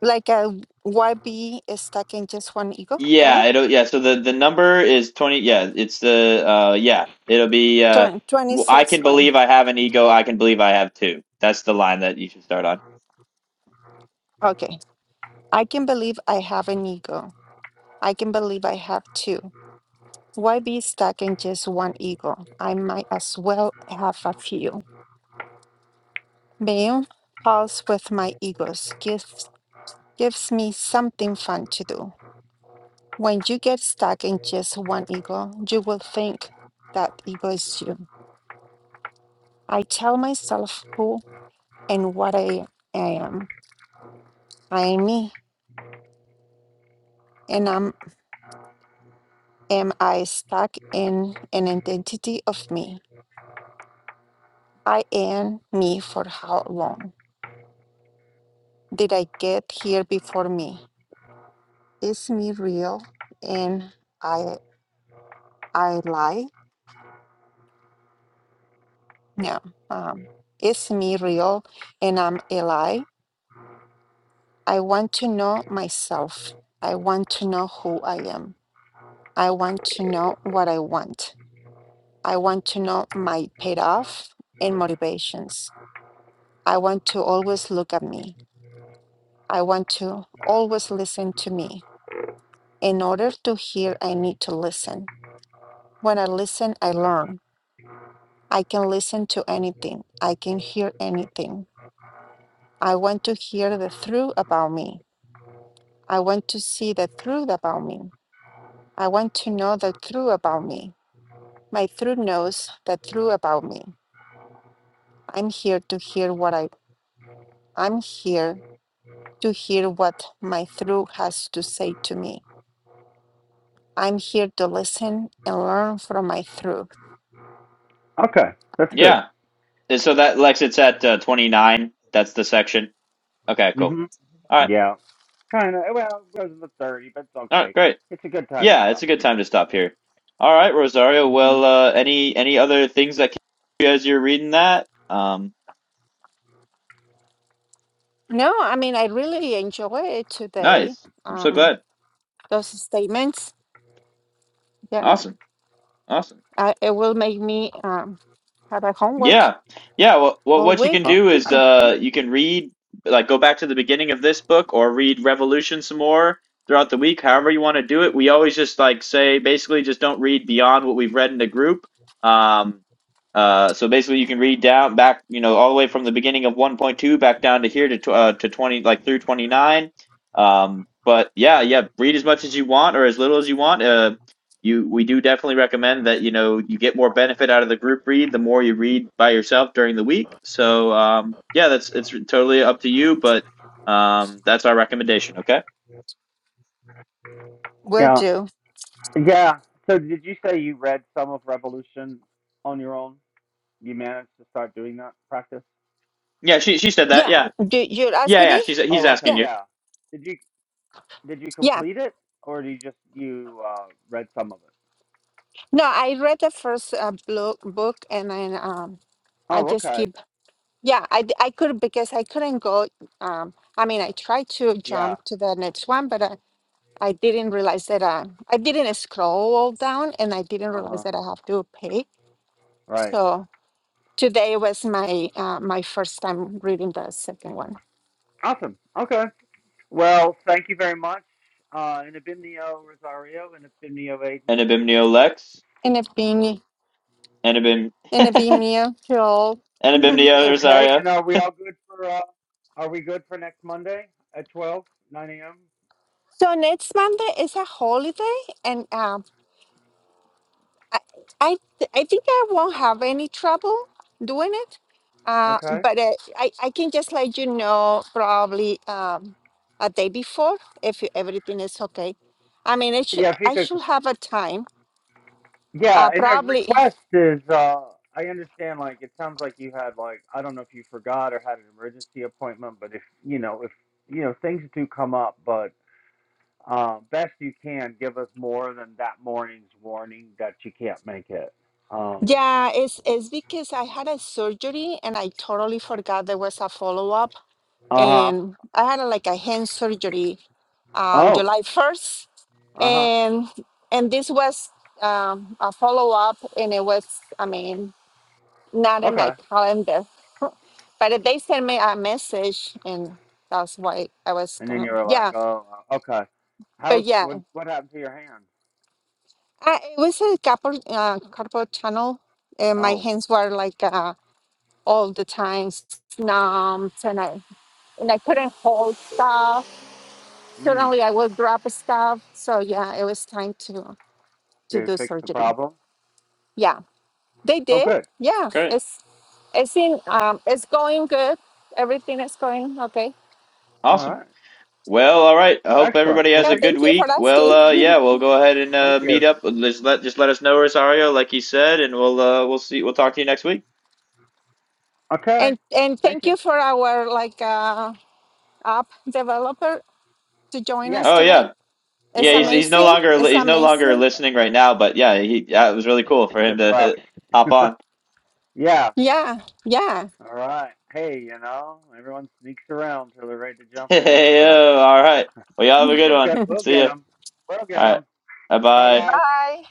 C: like a yb is stuck in just one ego that one
A: Yeah, it'll yeah. So the the number is twenty. Yeah, it's the uh yeah. It'll be uh.
C: Twen-
A: w- I
C: 26
A: can
C: one
A: believe I have an ego. I can believe I have two. That's the line that you should start on.
C: okay i can believe i have an ego I can believe I have two. Why be stuck in just one ego? I might as well have a few. Being pals with my egos gives gives me something fun to do. When you get stuck in just one ego, you will think that ego is you. I tell myself who and what I, I am. I am me, and am am I stuck in an identity of me? I am me for how long? did I get here before me? Is me real and I I lie? No. Um, is me real and I'm a lie? I want to know myself. I want to know who I am. I want to know what I want. I want to know my payoff and motivations. I want to always look at me. I want to always listen to me. In order to hear, I need to listen. When I listen, I learn. I can listen to anything. I can hear anything. I want to hear the truth about me. I want to see the truth about me. I want to know the truth about me. My truth knows the truth about me. I'm here to hear what I I'm here to hear what my truth has to say to me. I'm here to listen and learn from my truth.
B: Okay, that's good.
A: Yeah. And so that Lex, it's at uh, twenty nine. That's the section. Okay. Cool.
B: Mhm.
A: All right.
B: Yeah. Kind of. Well, it goes to the thirty, but it's
A: All right.
B: okay.
A: Great.
B: It's a good time to
A: Yeah, it's
B: stop.
A: a good time to stop here. All right, Rosario. Well,
B: Mhm.
A: uh, any any other things that came to you as you're reading that? Um,
C: No, I mean I really enjoy it today.
A: nice. I'm so
C: Um,
A: glad.
C: those statements. yeah.
A: Awesome. Awesome.
C: Uh, it will make me um, have a homework
A: Yeah. Yeah. Well, well,
C: all
A: what you can
C: week.
B: Uh,
A: do is uh, you can read, like, go back to the beginning of this book or read Revolution some more throughout the week, however you want to do it. We always just, like, say basically just don't read beyond what we've read in the group. Um, uh, so basically, you can read down back, you know, all the way from the beginning of 1.2 back down to here to, tw- uh, to 20, like, through 29. Um, but yeah, yeah, read as much as you want or as little as you want. Uh, you we do definitely recommend that you know you get more benefit out of the group read the more you read by yourself during the week so um, yeah that's it's totally up to you but um, that's our recommendation okay
C: Will
B: yeah.
C: do.
B: Yeah. So, did you say you read some of Revolution on your own? You managed to start doing that practice?
A: yeah she she said that
C: Yeah,
A: yeah
C: do, you're
A: yeah
C: asking
A: yeah
C: me?
A: she's he's
B: Oh, okay,
A: asking
C: Yeah,
A: you
B: yeah. Did you did you
C: yeah.
B: complete it or did you just you uh read some of it?
C: No, I read the first uh, blo- book and then um, I
B: Oh,
C: just
B: okay.
C: keep, yeah, I, d- I could because I couldn't go. Um, I mean, I tried to
B: Yeah.
C: jump to the next one, but I, I didn't realize that I I didn't scroll down and I didn't
B: Uh-huh.
C: realize that I have to pay.
B: Right.
C: So today was my uh, my first time reading the second one.
B: Awesome. Okay. Well, thank you very much. Uh and Abimnio Rosario and Abimnio Aiden.
A: enabimnio lex
C: And it's been
A: enabim
C: And it be mutual. Mhm. [laughs]
A: enabimnio
B: Okay,
A: rosaria
B: and are we all good for uh are we good for next Monday at 12 9 a.m.?
C: So next Monday is a holiday, and um, I, I, I think I won't have any trouble doing it. Uh,
B: Okay.
C: but uh, I, I can just let you know probably um, a day before if everything is okay. I mean, it should,
B: Yeah, if you
C: I
B: could
C: should have a time.
B: Yeah,
C: Uh,
B: and a
C: probably,
B: request is uh I understand like it sounds like you had like I don't know if you forgot or had an emergency appointment, but if you know, if you know, things do come up, but uh, best you can give us more than that morning's warning that you can't make it. Um
C: yeah. It's it's because I had a surgery and I totally forgot there was a follow up.
B: uh-huh.
C: and I had a, like a hand surgery um,
B: Oh,
C: July 1st,
B: uh-huh.
C: and and this was um, a follow up, and it was I mean not in
B: Okay.
C: my calendar, [laughs] but they sent me a message, and that's why I was
B: And
C: kind
B: then you
C: of
B: were like,
C: yeah,
B: "Oh, uh, okay.
C: but
B: How's
C: yeah,
B: what what happened to your hand?"
C: I, it was a couple uh, carpal tunnel, and my
B: Oh.
C: hands were like uh, all the time numb, and I and I couldn't hold stuff
B: Mm.
C: certainly I will drop stuff. So yeah, it was time to to
B: Did it
C: do
B: fix the
C: surgery.
B: problem?
C: Yeah, they
B: Oh,
C: did.
B: good.
C: Yeah,
A: great
C: it's it's in um it's going good. Everything is going okay.
B: All
A: awesome
B: right.
A: well all right i hope
B: Excellent.
A: everybody
B: Well,
A: has
C: Yeah,
A: a
B: thank
A: good
C: thank you for
A: week well
C: asking,
A: uh
C: [laughs]
A: yeah we'll go ahead and
B: thank
A: uh
B: you.
A: meet up just let just let us know rosario like he said and we'll uh we'll see we'll talk to you next week
B: Okay.
C: and and
B: Thank
C: thank
B: you.
C: you for our like uh, app developer to join
B: Yes.
C: us
A: oh yeah
C: today.
B: All
C: It's
A: Yeah, he's
B: right.
A: he's no
C: amazing.
A: longer
B: He
C: It's
A: he's
B: just
A: no longer
C: amazing.
B: just left.
A: listening right now, but yeah, he yeah, it was really cool for
B: He
A: him
B: just
A: to [laughs] uh,
B: left.
A: hop on.
B: [laughs]
A: [laughs]
B: Yeah.
C: Yeah, yeah.
B: All right. Hey, you know, everyone sneaks around till they're ready to jump in.
A: Hey,
B: So
A: yo, all right. Well, y'all have a good
B: we'll
A: one.
B: get we'll
A: See
B: get
A: ya.
B: them. We'll get
A: All right.
B: them.
A: Bye
B: Bye,
A: bye.
B: guys.
C: Bye.